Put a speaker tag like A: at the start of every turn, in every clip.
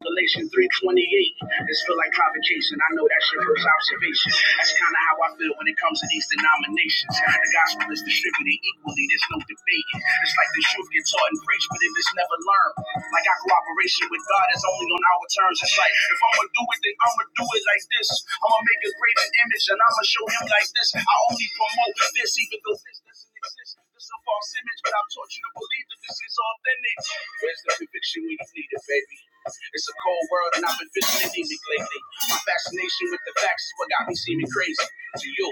A: Galatians 3.28. This feel like provocation. I know that shit hurts observation. That's kind of how I feel when it comes to these denominations. The gospel is distributed equally. There's no debating. It's like the truth gets taught and preached, but if it's never learned, like our cooperation with God is only on our terms. It's like, if I'm going to do it, then I'm going to do it like this. I'm going to make a greater image, and I'm going to show him like this. I only promote this, even though this doesn't exist racist. This is a false image, but I've taught you to believe that this is authentic. Where's the conviction when you need it, baby? It's a cold world, and I've been feeling anemic lately. My fascination with the facts is what got me seeming crazy to you.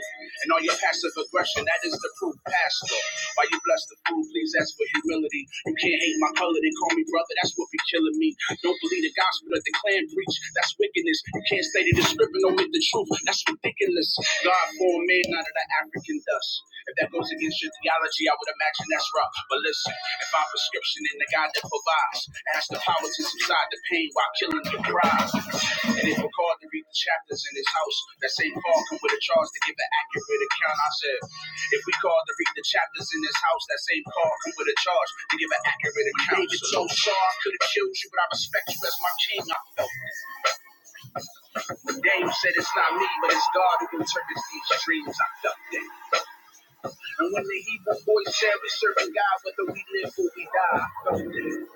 A: And all your passive aggression, that is the proof, Pastor. Why you bless the food, please ask for humility. You can't hate my color, then call me brother, that's what be killing me. Don't believe the gospel that the Klan preach, that's wickedness. You can't stay the script and omit the truth, that's ridiculous miraculous. God formed man out of the African dust. If that goes against your theology, I would imagine that's rough. But listen, if our prescription in the God that provides has the power to subside the pain while killing the pride, and if we're called to read the chapters in His house, that St. Paul come with a charge to give an accurate account. I said, if we called to read the chapters in His house, that St. Paul come with a charge to give an accurate account. David, so sorry I could have killed you, but I respect you as my king. I felt. Dame said it's not me, but it's God who interprets these dreams I felt then. And when the Hebrew boy said we serve a God, whether we live or we die, I felt it.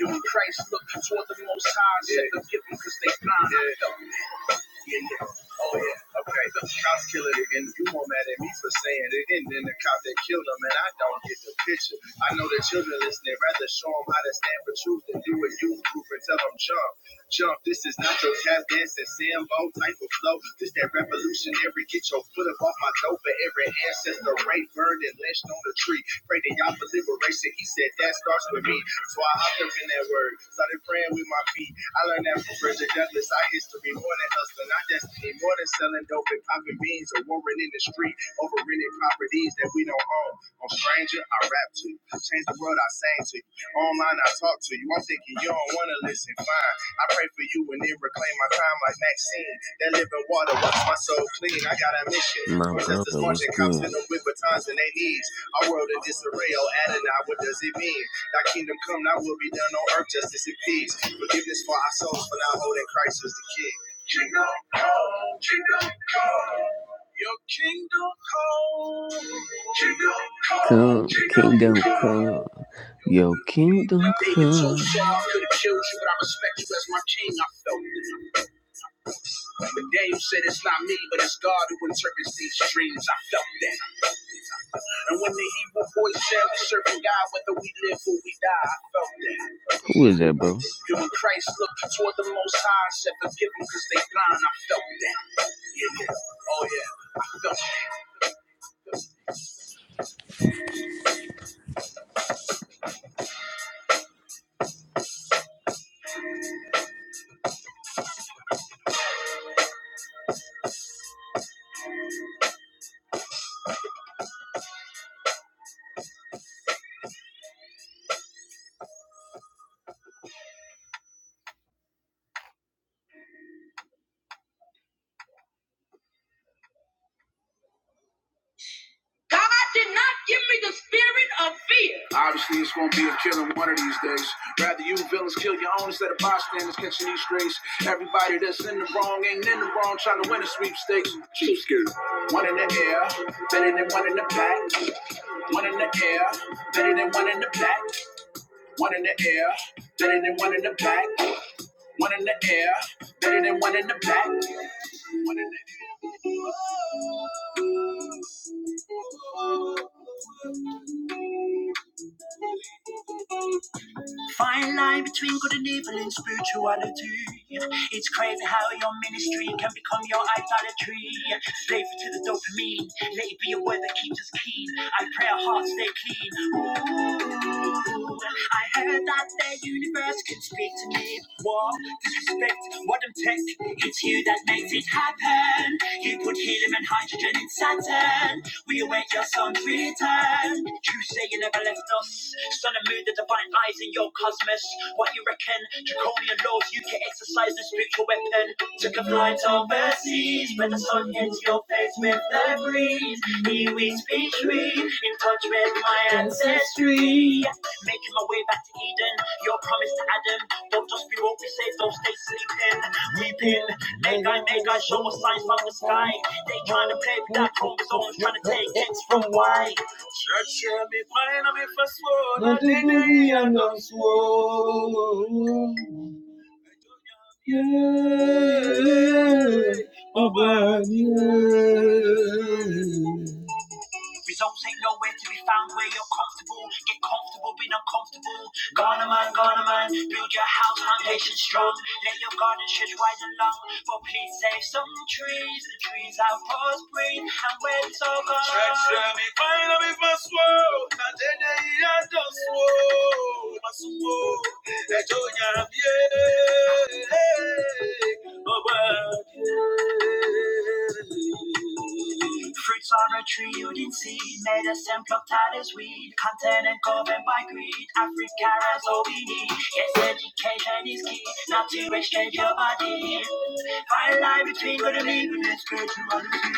A: You and Christ looking toward the most high, yeah. said forgive them because they blind. Yeah. Yeah, yeah. Oh yeah. Okay, the cop it, and you more mad at me for saying it and then the cop that killed him and I don't get the picture. I know the children listening, rather show them how to stand for truth than do a youth group and tell them jump. Jump, this is not your tap dancing Sambo type of flow. This that revolutionary, get your foot up off my toe for every ancestor, rape, burned, and lynched on the tree. Pray to y'all for liberation. He said that starts with me. So I hopped up him in that word, started praying with my feet. I learned that from Frederick Douglass. Our history more than hustling, our destiny more than selling dope and popping beans or warring in the street over rented properties that we don't own. On stranger, I rap to you. Change the world, I sang to you. Online, I talk to you. I'm thinking you don't wanna listen. Fine, I pray for you and then reclaim my time like Maxine. That living water wash my soul clean. I got a mission.
B: My
A: Protesters
B: brother was
A: marching, cops
B: good.
A: in them with batons and they knees. Our world in disarray. Oh, Adonai, what does it mean? Thy kingdom come, thy will be done on earth, justice and peace. Forgiveness for our souls, for thou holding Christ as the King. Kingdom come, kingdom come. Your kingdom come, kingdom come,
B: Come,
A: kingdom
B: kingdom
A: come.
B: come.
A: Your
B: Yo,
A: will be done. When
B: kingdom
A: David told Saul, I
B: come.
A: could have killed you, but I respect you as my king. I felt it. The game said it's not me, but it's God who interprets these dreams. I felt that. And when the evil voice said we serving God, whether we live or we die, I felt that.
B: Who is that, bro?
A: And when Christ looked toward the Most High and said, forgive them because they blind, I felt that. Yeah, yeah. Oh yeah, I felt that. God did not give me the spirit of fear. Obviously, it's going to be a killing one of these days. Rather, you villains kill your own instead of bystanders catching these strays. Everybody that's in the wrong ain't in the wrong trying to win a sweepstakes. Cheap scared. One in the air, better than one in the back. One in the air, better than one in the back. One in the air, better than one in the back. One in the air, better than one in the back. Fine line between good and evil in spirituality. It's crazy how your ministry can become your idolatry. Slave to the dopamine, let it be a word that keeps us keen. I pray our hearts stay clean. I heard that the universe could speak to me. What? Disrespect, what I'm tech? It's you that makes it happen. You put helium and hydrogen in Saturn. We await your sun's return. You say you never left us. Sun and moon, the divine lies in your cosmos. What you reckon? Draconian laws, you can exercise the spiritual weapon. Took a flight overseas, where the sun hits your face with the breeze. Here we speak tree, in touch with my ancestry. Making my way back to Eden, your promise to Adam. Don't just be woke, be saved, don't stay sleeping. Weeping, make I make I show us signs from the sky. They trying to play with that chromosomes, trying to take X from Y. Yeah, me crying, I'm in for sword. Not the baby, I'm not sword. Yeah, oh, man, yeah. Results ain't nowhere to be found where you're comfortable. Get comfortable being uncomfortable. going man, going man, build your house, foundation strong. Let your garden stretch wide and long. But please save some trees, the trees are past green and when it's all gone. Stretch them, it might not be my swirl. And then they are just swirl. My swirl, they don't have yeah. Oh, well. Fruits are a tree you didn't see, made us and plucked out as weed. Continent governed by greed, Africa has all we need. Yes, education is key, not to exchange your body. Find a line between good and evil, it's good to understand.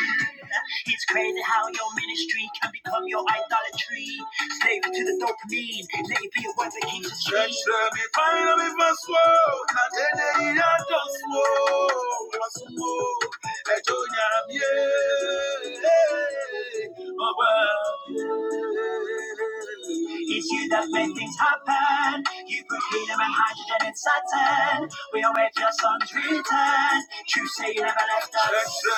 A: It's crazy how your ministry can become your idolatry. Slavery to the dopamine, let it be a weapon keeps us free. Let me find a bit of my sword, not in the ear, don't swore. It's you that make things happen. You put helium and hydrogen in Saturn. We await your sun's return. True say you never left us. let see,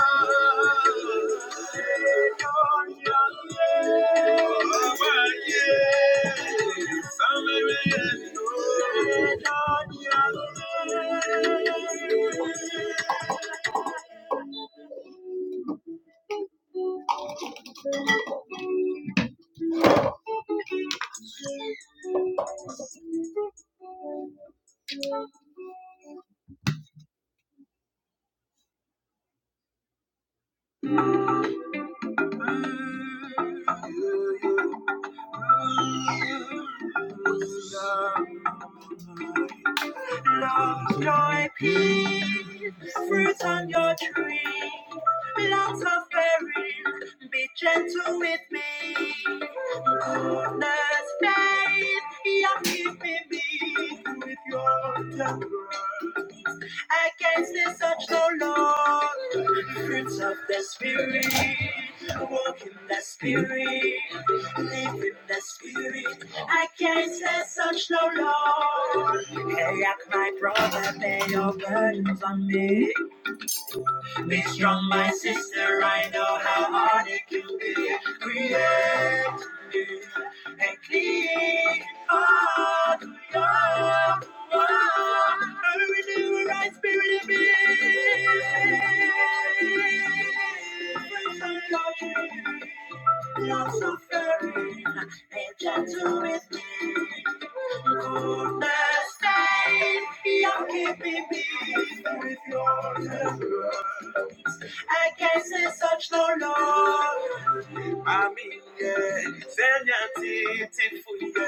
A: oh, oh, yeah, yeah, yeah. Love, joy, peace, fruits on your tree. Lots of berries, be gentle with me. Goodness, faith, yeah, keep me with your temper. Against this such no law. Fruits of the spirit. Walk in the spirit. Live in the spirit. Against this such no law. Hey, like my brother, bear your burdens on me. Be strong, my sister. I know how hard it can be. Create new and clean heart. Oh, oh, oh, renew a right spirit in me. Praise the Lord, you are so caring and gentle with me. Goodness, faith, you're keeping me. I can say such no love. Aminye, senya titi fuye.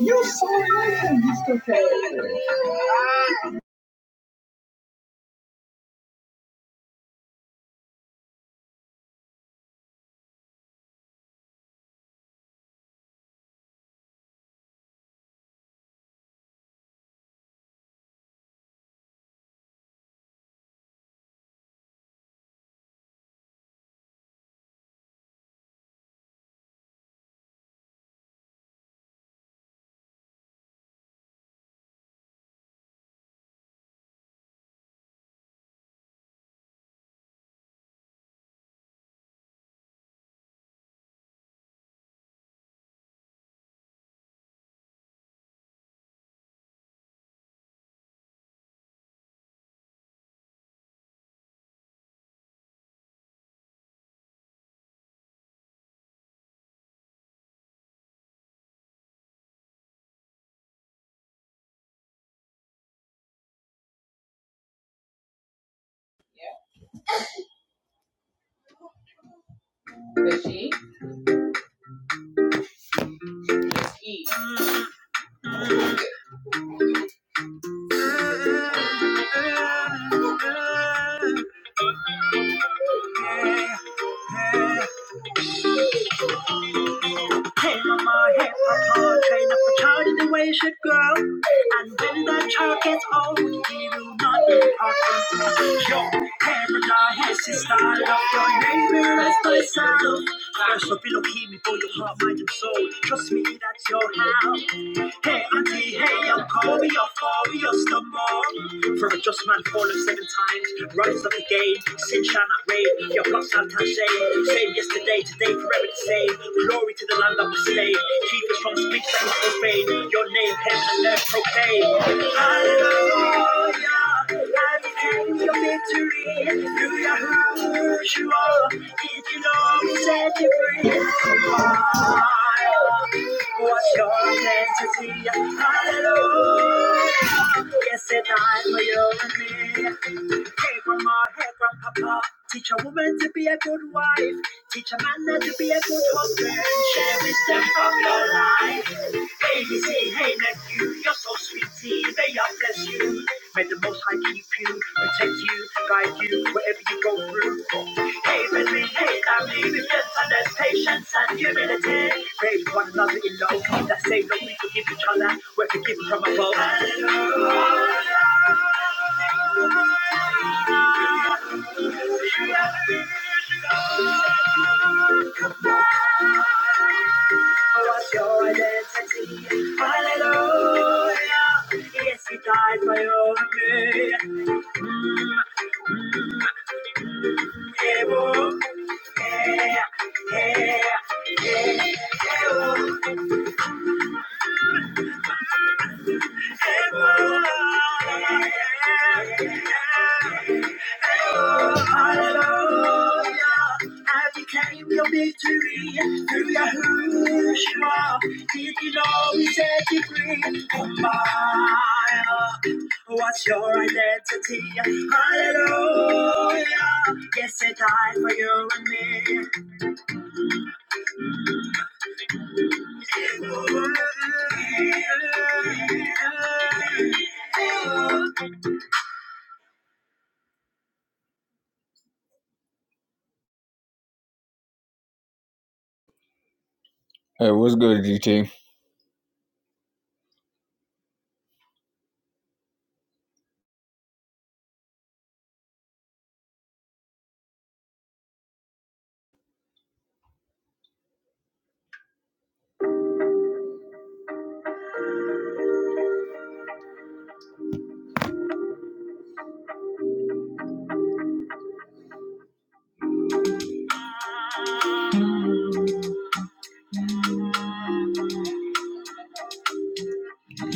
A: You saw it, Mr. K. Bushy, E. Hey mama, hey papa, train up a child in the way it should grow. And when that child gets old, he will not depart from the Yo, hey brother, hey sister, love your neighbor as thyself. First, I love, be looking before your heart, mind, and soul. Trust me, that's your house. Hey, auntie, hey, uncle, we are far, we are still more. For a just man fallen seven times, runners up the game, sin shall not reign, your blood shall not shame. Same yesterday, today, forever the same. Glory to the land of the slave. keep us from speech that is obeyed. Your name, heaven and earth proclaim. Hallelujah, life and your victory. You are who you are, if you know, we set you free. What God meant to see, hallelujah. Yes, it died for you and me. Hey, grandma, hey, grandpapa. Teach a woman to be a good wife. Teach a man not to be a good husband. Share wisdom from your life. Baby, say, hey, nephew, you're so sweet. tea. May I bless you. May the Most High keep you, protect you, guide you wherever you go through. Hey, baby, hey, family, with gentleness, patience, and humility. Praise one another in love. That say that we forgive each other. We're forgiven from above. Hallelujah, what's your identity? Hallelujah. Yes, he died for you and me. Did you know we set you free? Oh my, what's your identity? Hallelujah. Yes, I died for you and me. Hey, what's good, GT?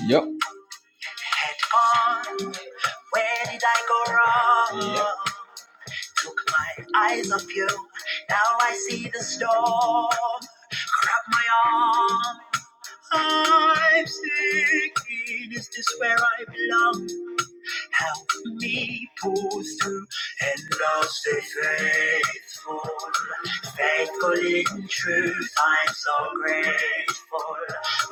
A: Yep. Where did I go wrong? Yep. My eyes on you, now I see the storm. Grab my arm. I'm sinking. Is this where I belong? Help me pull through and I'll stay faithful. Faithful in truth, I'm so grateful.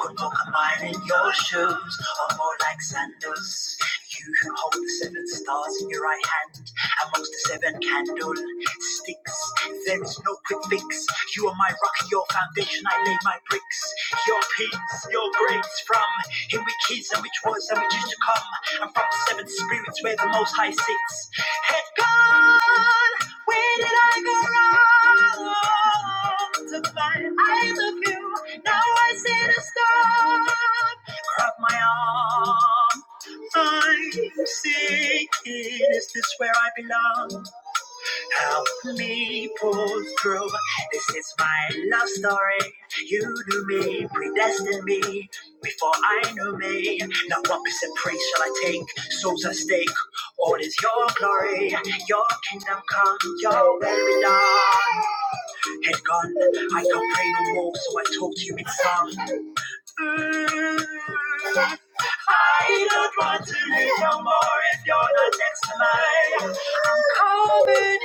A: Could walk a mile in your shoes, or more like sandals. You who hold the seven stars in your right hand, amongst the seven candlesticks. There is no quick fix. You are my rock, your foundation. I lay my bricks. Your peace, your grace from him which is and which was and which is to come. I'm from the seventh spirits where the most high sits. Head gone, where did I go wrong? To find I love you, now I sit a storm. Grab my arm, I'm sinking. Is this where I belong? Help me pull through. This is my love story. You knew me, predestined me before I knew me. Now what piece praise shall I take? Souls at stake. All is your glory, your kingdom come, your will be done. Head gone, I can't pray no more, so I talk to you in song. Mm-hmm. I don't want to live no more if you're not next to mine. I'm covered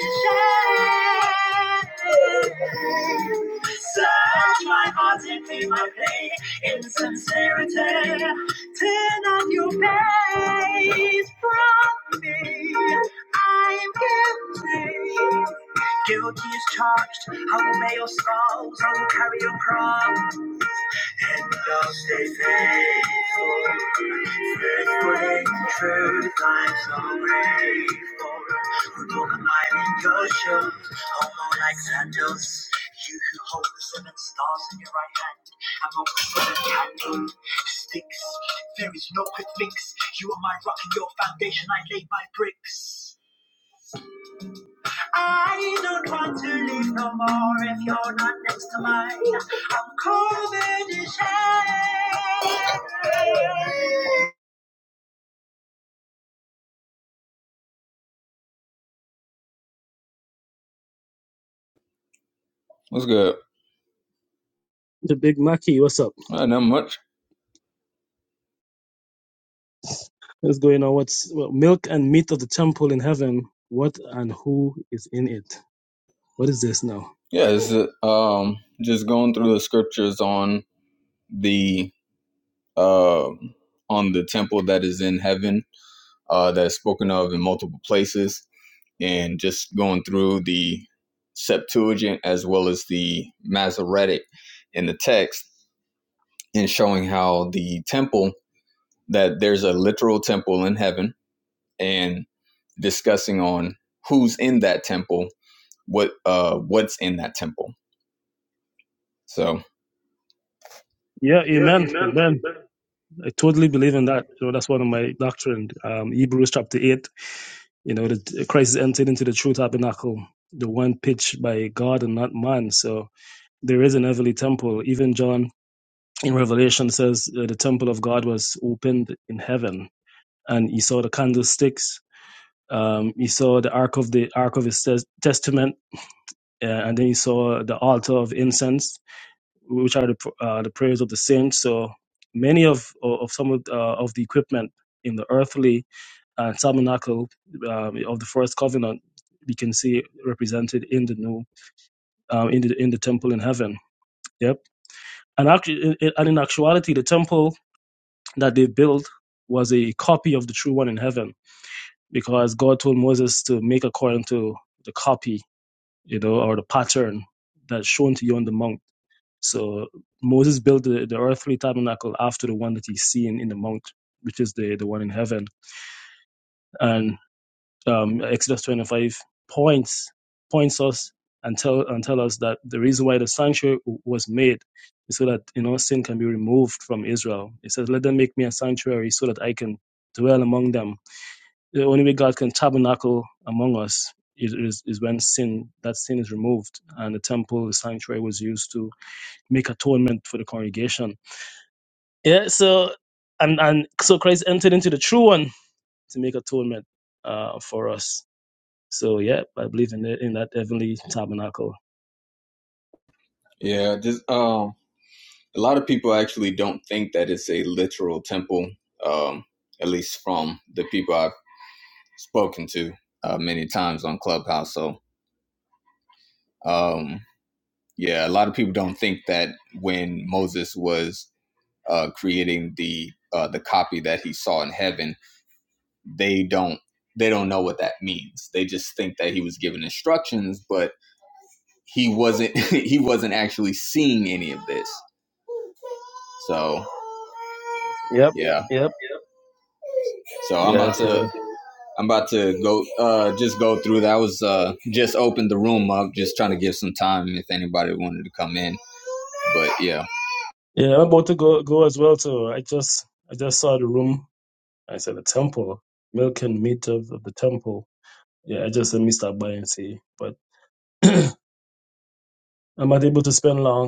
A: in shame. Search my heart and feel my pain, insincerity. Turn off your face from me. I'm guilty. Guilty is charged. I'll bear your scars. I'll carry your cross. And I'll stay faithful, faithful in truth. I'm so grateful. We're going mighty Goshen, homo like sandals. You who hold the seven stars in your right hand, I'm on the seven candle sticks. There is no quick fix. You are my rock and your foundation. I lay my bricks. I don't want to live no more if you're not next to mine. I'm covered in shame. What's good?
C: The Big Mackey, what's up?
A: Uh, not much.
C: What's going on? What's well, milk and meat of the temple in heaven? What and who is in it? What is this now?
A: Yeah, it's uh, um just going through the scriptures on the uh on the temple that is in heaven uh that's spoken of in multiple places, and just going through the Septuagint as well as the Masoretic in the text, and showing how the temple that there's a literal temple in heaven and discussing on who's in that temple, what uh what's in that temple. So
C: Yeah, amen, amen. I totally believe in that. You know, that's one of my doctrine. Um, Hebrews chapter eight. You know, that Christ is entered into the true tabernacle, the one pitched by God and not man. So there is an heavenly temple. Even John in Revelation says uh, the temple of God was opened in heaven, and he saw the candlesticks Um, he saw the ark of the ark of his tes- testament, uh, and then he saw the altar of incense, which are the pr- uh, the prayers of the saints. So many of of some of, uh, of the equipment in the earthly uh, tabernacle um, of the first covenant, we can see represented in the new um, in the in the temple in heaven. Yep, and actually, and in actuality, the temple that they built was a copy of the true one in heaven, because God told Moses to make according to the copy you know, or the pattern that's shown to you on the mount. So Moses built the, the earthly tabernacle after the one that he's seen in the mount, which is the, the one in heaven. And um, Exodus 25 points points us and tell and tell us that the reason why the sanctuary w- was made is so that you know sin can be removed from Israel. It says, "Let them make me a sanctuary so that I can dwell among them." The only way God can tabernacle among us is, is, is when sin, that sin is removed and the temple, the sanctuary was used to make atonement for the congregation. Yeah, so, and, and so Christ entered into the true one to make atonement uh, for us. So, yeah, I believe in, the, in that heavenly tabernacle.
A: yeah, just um a lot of people actually don't think that it's a literal temple, um, at least from the people I've spoken to uh, many times on Clubhouse. So um yeah, a lot of people don't think that when Moses was uh, creating the uh, the copy that he saw in heaven, they don't they don't know what that means. They just think that he was given instructions, but he wasn't he wasn't actually seeing any of this. So
C: Yep,
A: yeah.
C: yep.
A: So I'm
C: Yeah,
A: about
C: so
A: to I'm about to go uh just go through that. I was uh just opened the room up, just trying to give some time if anybody wanted to come in. But yeah.
C: Yeah, I'm about to go go as well. So I just I just saw the room. I said the temple, milk and meat of, of the temple. Yeah, I just said, let me stop by and see. But I'm not able to spend long.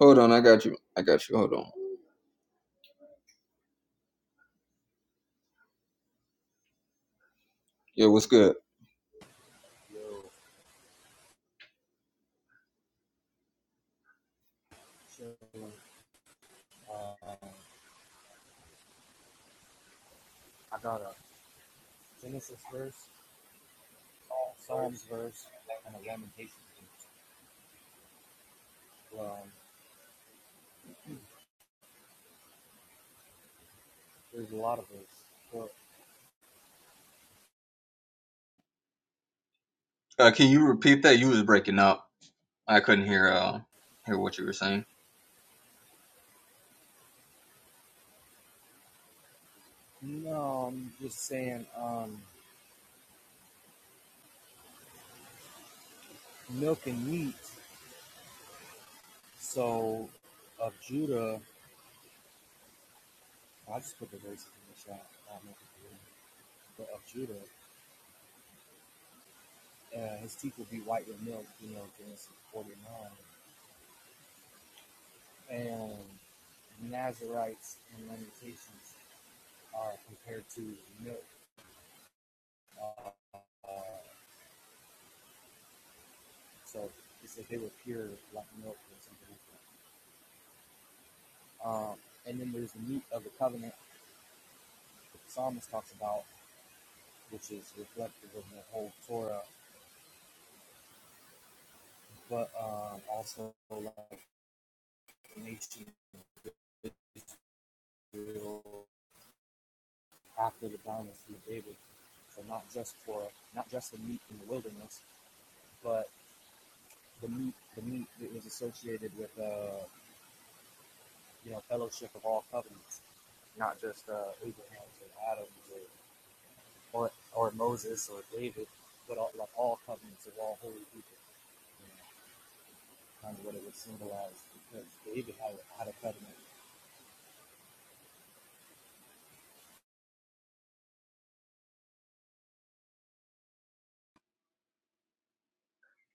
A: Hold on, I got you. I got you. Hold on. Yeah, what's good? Uh can you repeat that? You was breaking up. I couldn't hear uh hear what you were saying.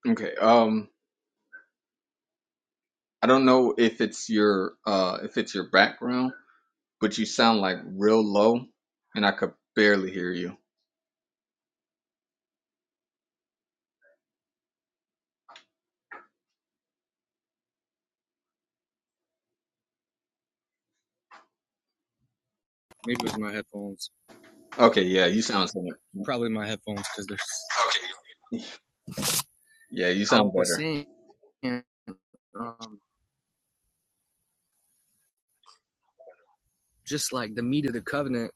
A: Okay. Um. I don't know if it's your uh if it's your background, but you sound like real low and I could barely hear you.
D: Maybe it was my headphones.
A: Okay, yeah, you sound similar.
D: Probably my headphones because they're.
A: Yeah, you
D: I
A: sound
D: was
A: better.
D: saying, um, just like the meat of the covenant.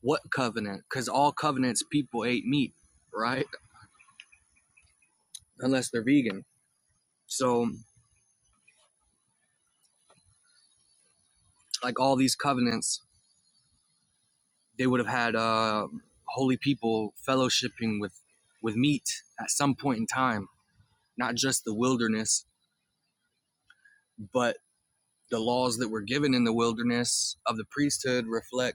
D: What covenant? Because all covenants people ate meat, right? Unless they're vegan. So, like all these covenants, they would have had uh, holy people fellowshipping with with meat at some point in time. Not just the wilderness, but the laws that were given in the wilderness of the priesthood reflect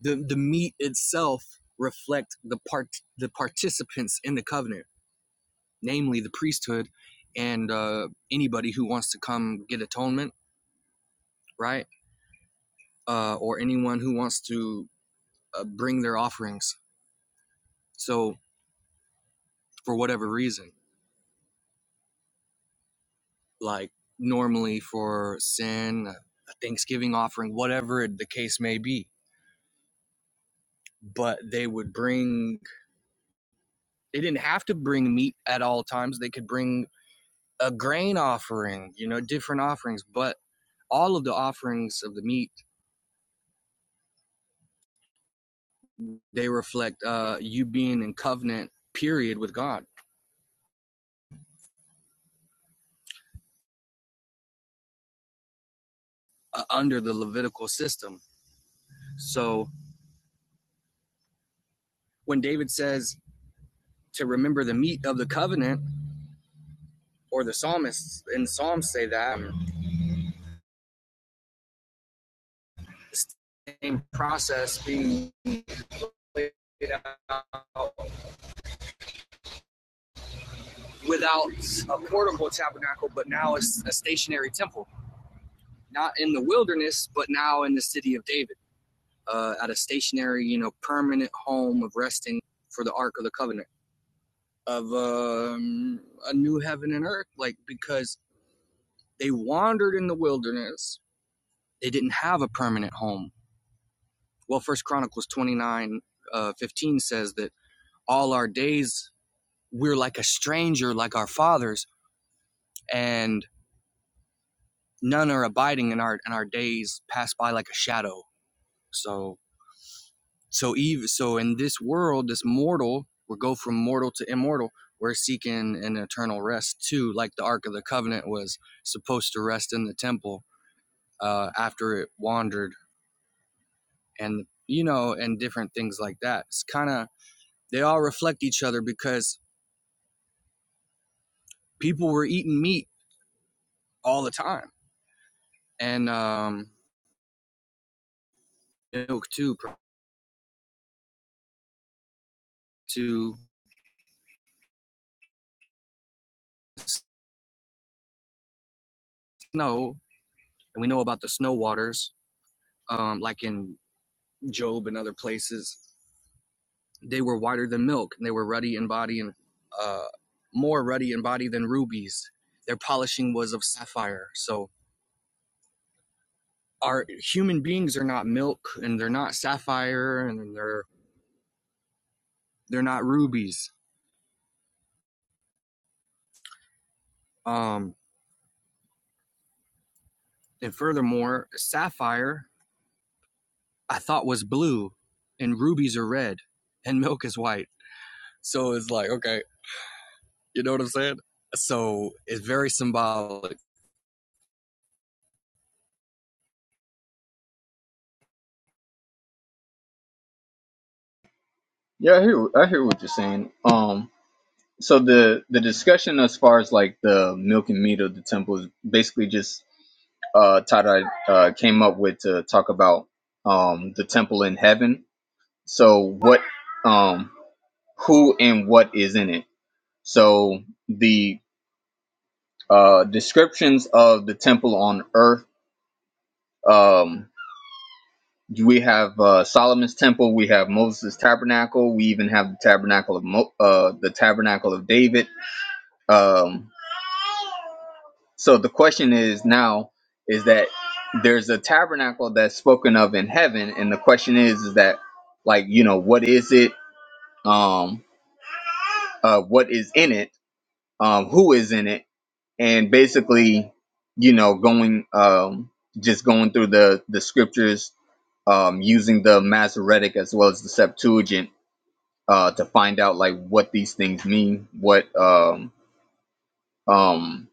D: the the meat itself reflect the part the participants in the covenant, namely the priesthood and uh, anybody who wants to come get atonement, right? Uh, or anyone who wants to uh, bring their offerings. So for whatever reason, like normally for sin, a Thanksgiving offering, whatever the case may be. But they would bring. They didn't have to bring meat at all times. They could bring a grain offering, you know, different offerings. But all of the offerings of the meat they reflect uh, you being in covenant period with God uh, under the Levitical system. So when David says to remember the meat of the covenant, or the psalmists in Psalms say that the same process being out without a portable tabernacle, but now it's a stationary temple, not in the wilderness, but now in the city of David, uh, at a stationary, you know, permanent home of resting for the Ark of the Covenant. of um, a new heaven and earth, like because they wandered in the wilderness. They didn't have a permanent home. Well, First Chronicles twenty nine uh, fifteen says that all our days we're like a stranger, like our fathers, and none are abiding in our and our days pass by like a shadow. So so Eve so in this world, this mortal, we go from mortal to immortal. We're seeking an eternal rest too, like the Ark of the Covenant was supposed to rest in the temple uh, after it wandered, and you know, and different things like that. It's kind of they all reflect each other because people were eating meat all the time, and um, milk too to snow, and we know about the snow waters, um, like in Job and other places. They were whiter than milk, and they were ruddy in body and uh, more ruddy in body than rubies. Their polishing was of sapphire. So our human beings are not milk, and they're not sapphire, and they're They're not rubies. Um, and furthermore, sapphire I thought was blue, and rubies are red, and milk is white. So it's like, okay, you know what I'm saying? So it's very symbolic.
A: Yeah, I hear I hear what you're saying. Um so the the discussion as far as like the milk and meat of the temple is basically just uh Tada uh came up with to talk about um the temple in heaven. So what um who and what is in it. So the Uh, descriptions of the temple on earth. Um, we have uh, Solomon's temple. We have Moses' tabernacle. We even have the tabernacle of Mo- uh, the tabernacle of David. Um, so the question is now is that there's a tabernacle that's spoken of in heaven, and the question is is that like you know what is it? Um, uh, what is in it? Um, who is in it? and basically, you know, going um, just going through the the scriptures, um, using the Masoretic as well as the Septuagint uh, to find out like what these things mean, what um, um,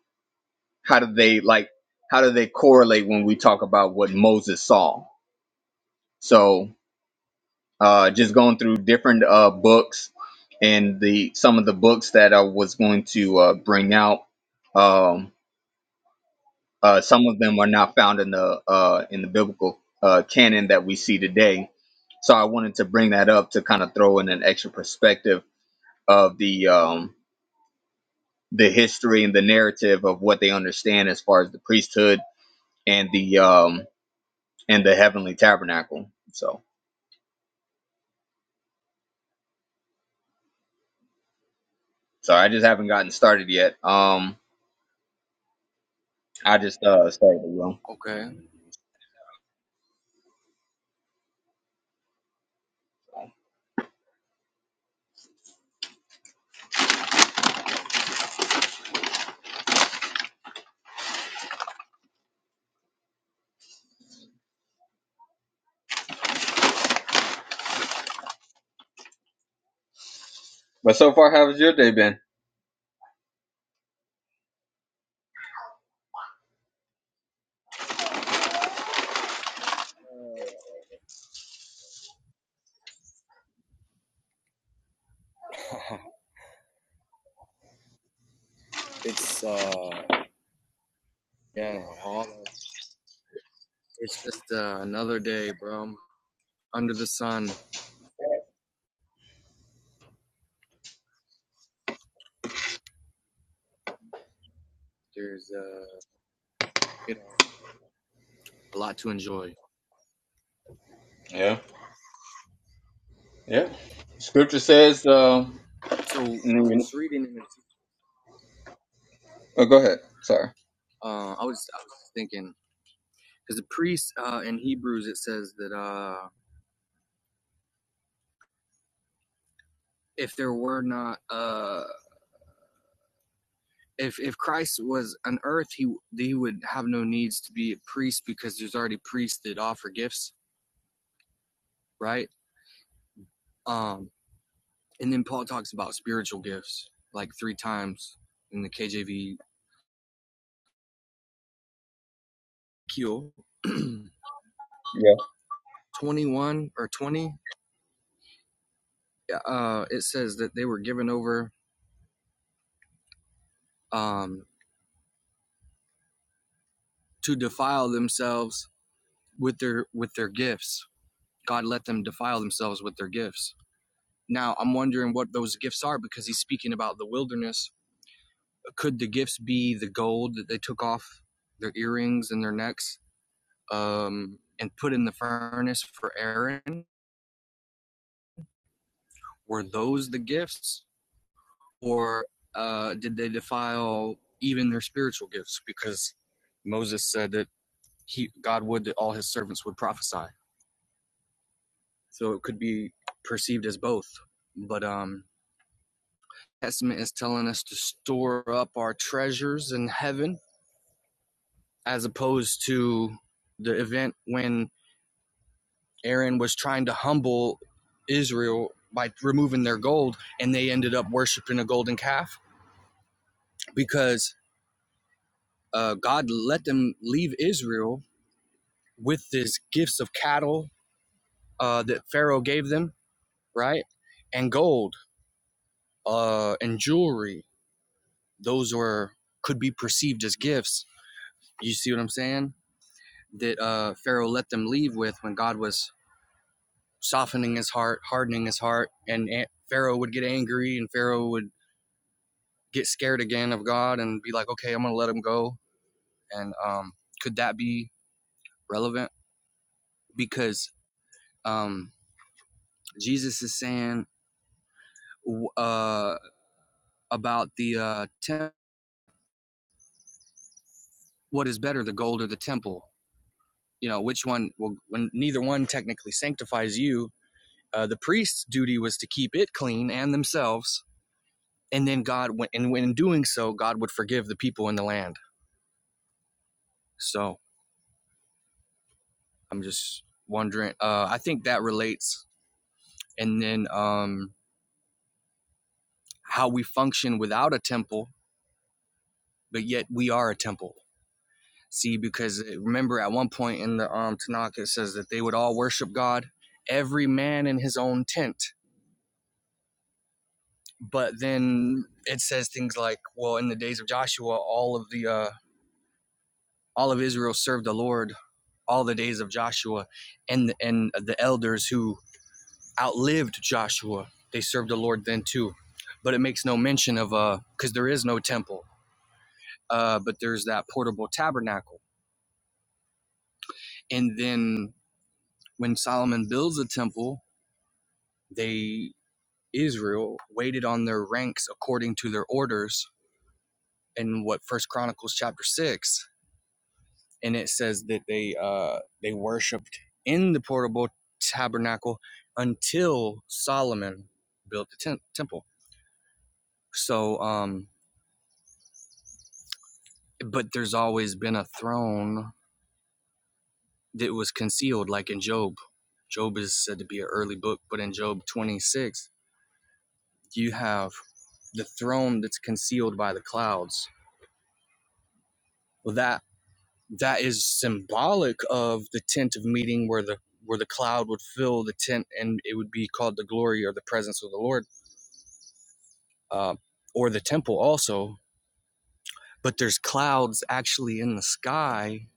A: how do they like how do they correlate when we talk about what Moses saw? So uh, just going through different uh, books and the some of the books that I was going to uh, bring out. Um, Uh, some of them are not found in the uh, in the biblical uh, canon that we see today. So I wanted to bring that up to kind of throw in an extra perspective of the um, the history and the narrative of what they understand as far as the priesthood and the um, and the heavenly tabernacle. So sorry, I just haven't gotten started yet. Um, I just uh, started wrong.
D: Okay,
A: But so far, how has your day been?
D: it's uh, yeah, it's just uh, another day, bro. under the sun. There's uh, you know, a lot to enjoy.
A: Yeah, yeah. Scripture says, uh,
D: So I
A: mm,
D: was reading,
A: oh, go ahead. Sorry.
D: uh, I was I was thinking because the priest uh, in Hebrews it says that uh if there were not uh if if Christ was on earth, he he would have no needs to be a priest because there's already priests that offer gifts, right? Um, and then Paul talks about spiritual gifts like three times in the KJV.
A: Yeah.
D: 21 or 20 yeah, uh it says that they were given over um to defile themselves with their with their gifts god let them defile themselves with their gifts Now I'm wondering what those gifts are because he's speaking about the wilderness. Could the gifts be the gold that they took off their earrings and their necks um, and put in the furnace for Aaron? Were those the gifts, or uh, did they defile even their spiritual gifts? Because Moses said that he God would that all his servants would prophesy, so it could be perceived as both. But um, Testament is telling us to store up our treasures in heaven as opposed to the event when Aaron was trying to humble Israel by removing their gold and they ended up worshiping a golden calf because uh, God let them leave Israel with these gifts of cattle uh, that Pharaoh gave them, right? And gold uh, and jewelry. Those were could be perceived as gifts. You see what I'm saying? That uh, Pharaoh let them leave with when God was softening his heart, hardening his heart. And Pharaoh would get angry and Pharaoh would get scared again of God and be like, okay, I'm going to let him go. And um, could that be relevant? Because um, Jesus is saying uh, about the uh, tem- what is better, the gold or the temple? You know, which one? Well, when neither one technically sanctifies you, uh, the priest's duty was to keep it clean and themselves. And then God, went, and when in doing so, God would forgive the people in the land. So I'm just wondering. Uh, I think that relates. And then um, how we function without a temple, but yet we are a temple. See, because uh, remember at one point in the um, Tanakh, it says that they would all worship God, every man in his own tent. But then it says things like, well, in the days of Joshua, all of the uh, all of Israel served the Lord all the days of Joshua, and and the elders who outlived Joshua. They served the Lord then too. But it makes no mention of, uh, because there is no temple, uh, but there's that portable tabernacle. And then when Solomon builds a temple, they, Israel, waited on their ranks according to their orders in what First Chronicles chapter 6. And it says that they uh, they worshiped in the portable tabernacle until Solomon built the tem- temple. So um, but there's always been a throne that was concealed, like in Job. Job is said to be an early book, but in Job 26, you have the throne that's concealed by the clouds. Well, that that is symbolic of the tent of meeting, where the where the cloud would fill the tent, and it would be called the glory or the presence of the Lord, uh, or the temple also. But there's clouds actually in the sky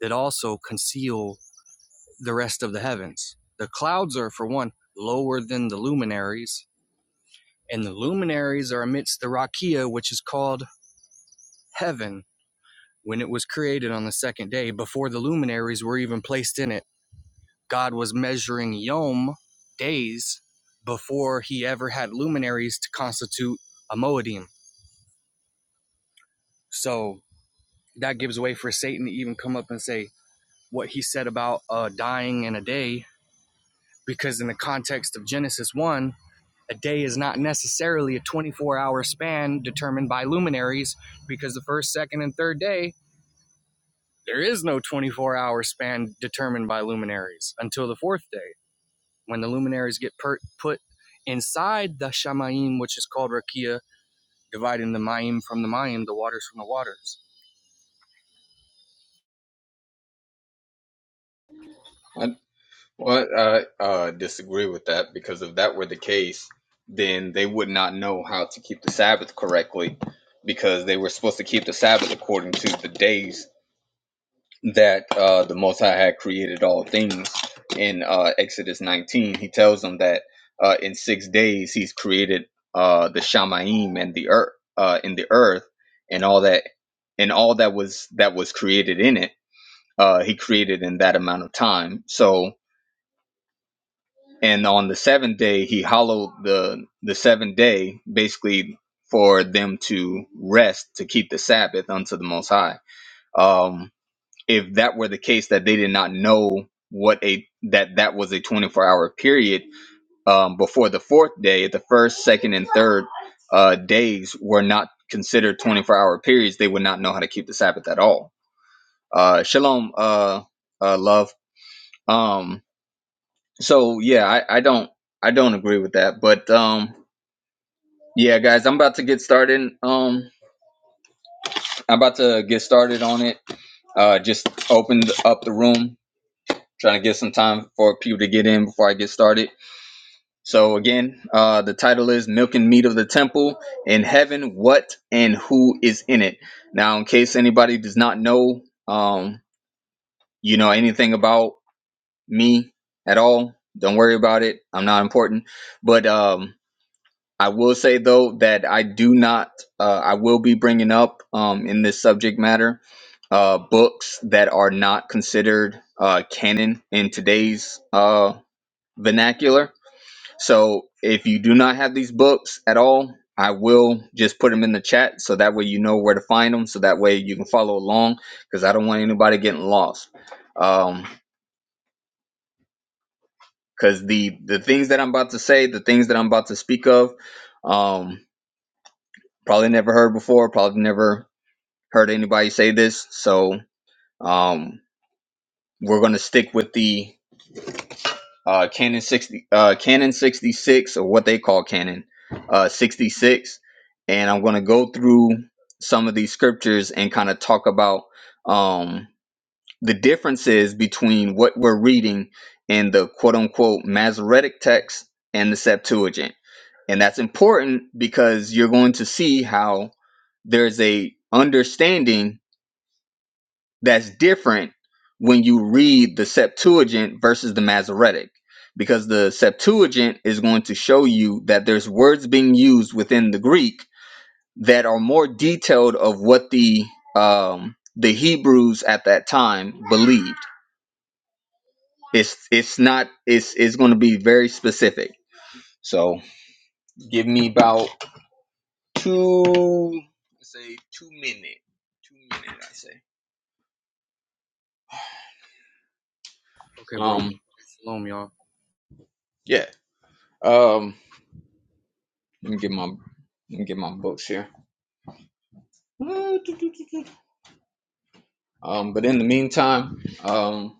D: that also conceal the rest of the heavens. The clouds are, for one, lower than the luminaries, and the luminaries are amidst the rakia, which is called heaven. When it was created on the second day, before the luminaries were even placed in it, God was measuring yom, days, before he ever had luminaries to constitute a moedim. So that gives way for Satan to even come up and say what he said about uh, dying in a day, because in the context of Genesis 1, a day is not necessarily a 24 hour span determined by luminaries because the first, second, and third day, there is no 24 hour span determined by luminaries until the fourth day when the luminaries get per- put inside the Shamayim, which is called Rakia, dividing the Mayim from the Mayim, the waters from the waters.
A: I, Well, I uh, disagree with that because if that were the case, then they would not know how to keep the Sabbath correctly because they were supposed to keep the Sabbath according to the days that uh, the Most High had created all things. In uh, Exodus 19, he tells them that uh, in six days he's created uh, the Shamaim and the earth, uh, in the earth, and all that, and all that was that was created in it. Uh, he created in that amount of time. So and on the seventh day he hallowed the the seventh day basically for them to rest to keep the sabbath unto the most high um if that were the case that they did not know what a that that was a 24 hour period um before the fourth day the first second and third uh days were not considered 24 hour periods they would not know how to keep the sabbath at all uh shalom uh uh love um so yeah, I, I don't I don't agree with that. But um yeah guys, I'm about to get started. Um I'm about to get started on it. Uh just opened up the room, trying to get some time for people to get in before I get started. So again, uh the title is Milk and Meat of the Temple in Heaven, What and Who is in it. Now in case anybody does not know um you know anything about me at all, don't worry about it. I'm not important. But um I will say though that I do not. Uh, I will be bringing up um, in this subject matter uh, books that are not considered uh, canon in today's uh, vernacular. So if you do not have these books at all, I will just put them in the chat so that way you know where to find them. So that way you can follow along because I don't want anybody getting lost. Um, because the the things that I'm about to say, the things that I'm about to speak of, um, probably never heard before, probably never heard anybody say this. So um, we're going to stick with the uh, Canon 60, uh, Canon 66, or what they call Canon uh, 66, and I'm going to go through some of these scriptures and kind of talk about um, the differences between what we're reading in the quote unquote Masoretic text and the Septuagint. And that's important because you're going to see how there's a understanding that's different when you read the Septuagint versus the Masoretic, because the Septuagint is going to show you that there's words being used within the Greek that are more detailed of what the um, the Hebrews at that time believed. It's it's not it's it's going to be very specific. So give me about two let's say two minute two minute I say
D: Okay, bro.
A: um
D: Shalom, y'all.
A: yeah um Let me get my let me get my books here. Um, but in the meantime, um,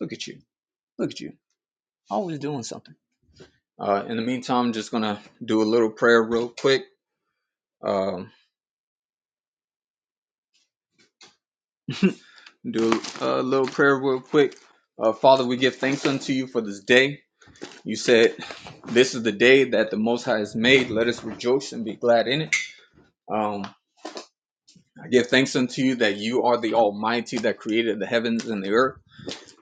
A: look at you, look at you, always doing something. Uh, in the meantime, I'm just gonna do a little prayer real quick. Um, do a little prayer real quick. Uh, Father, we give thanks unto you for this day. You said, This is the day that the Most High has made. Let us rejoice and be glad in it. Um, I give thanks unto you that you are the Almighty that created the heavens and the earth.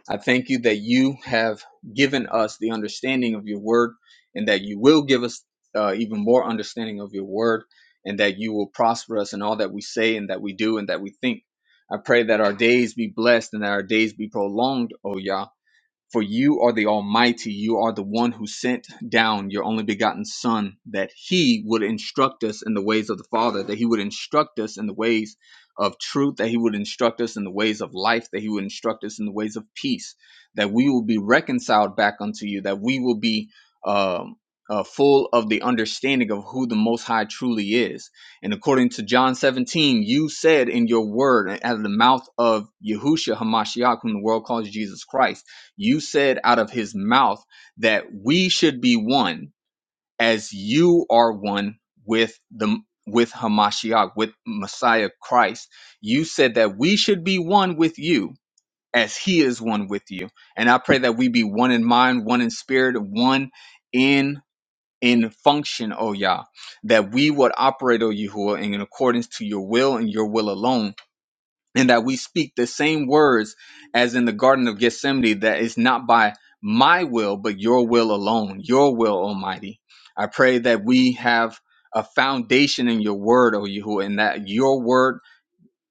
A: I thank you that you have given us the understanding of your word and that you will give us uh, even more understanding of your word and that you will prosper us in all that we say and that we do and that we think. I pray that our days be blessed and that our days be prolonged, O Yah, for you are the Almighty, you are the one who sent down your only begotten Son, that he would instruct us in the ways of the Father, that he would instruct us in the ways of truth, that he would instruct us in the ways of life, that he would instruct us in the ways of peace, that we will be reconciled back unto you, that we will be um, uh, full of the understanding of who the Most High truly is. And according to John 17, you said in your word, and out of the mouth of Yahushua HaMashiach, whom the world calls Jesus Christ you said out of his mouth that we should be one as you are one with the with Hamashiach, with Messiah Christ. You said that we should be one with you as he is one with you. And I pray that we be one in mind, one in spirit, one in in function, O Yah, that we would operate, O Yahuwah, in accordance to your will and your will alone and that we speak the same words as in the Garden of Gethsemane, that it's not by my will, but your will alone, your will, Almighty. I pray that we have a foundation in your word, O Yahuwah, and that your word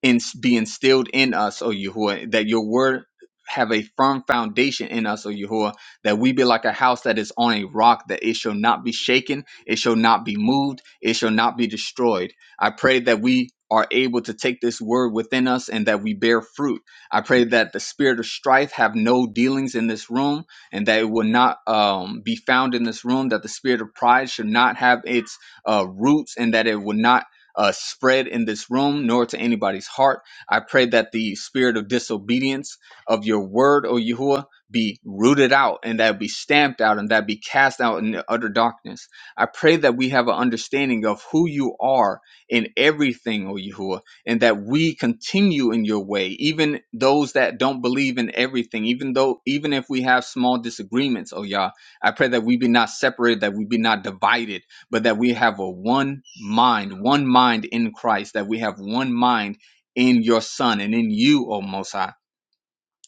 A: in, be instilled in us, O Yahuwah, that your word have a firm foundation in us, O Yahuwah, that we be like a house that is on a rock, that it shall not be shaken, it shall not be moved, it shall not be destroyed. I pray that we are able to take this word within us and that we bear fruit. I pray that the spirit of strife have no dealings in this room and that it will not um, be found in this room, that the spirit of pride should not have its uh, roots and that it will not uh, spread in this room nor to anybody's heart. I pray that the spirit of disobedience of your word, O Yahuwah, be rooted out and that be stamped out and that be cast out in utter darkness. I pray that we have an understanding of who you are in everything, O Yahuwah, and that we continue in your way, even those that don't believe in everything, even though even if we have small disagreements, O Yah, I pray that we be not separated, that we be not divided but that we have a one mind, one mind in Christ, that we have one mind in your Son and in you, O Most High.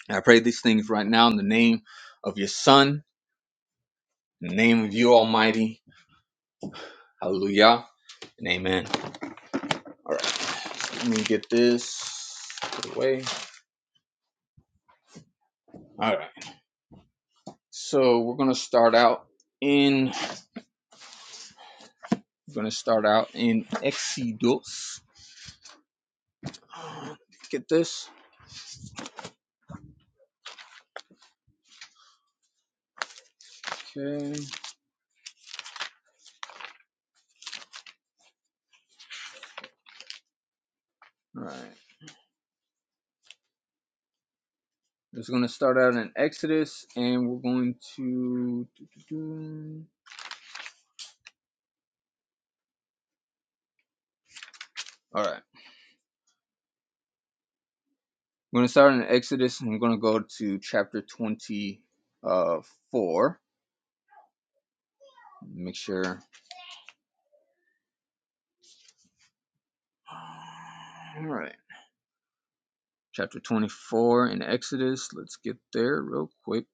A: And I pray these things right now in the name of your Son, in the name of you, Almighty. Hallelujah and amen. All right, let me get this away. All right, so we're gonna start out in we're gonna start out in Exodus. Uh, Get this, okay? All right. It's going to start out in Exodus, and we're going to. All right. We're going to start in Exodus, and we're going to go to chapter 24. Make sure. All right. Chapter 24 in Exodus. Let's get there real quick.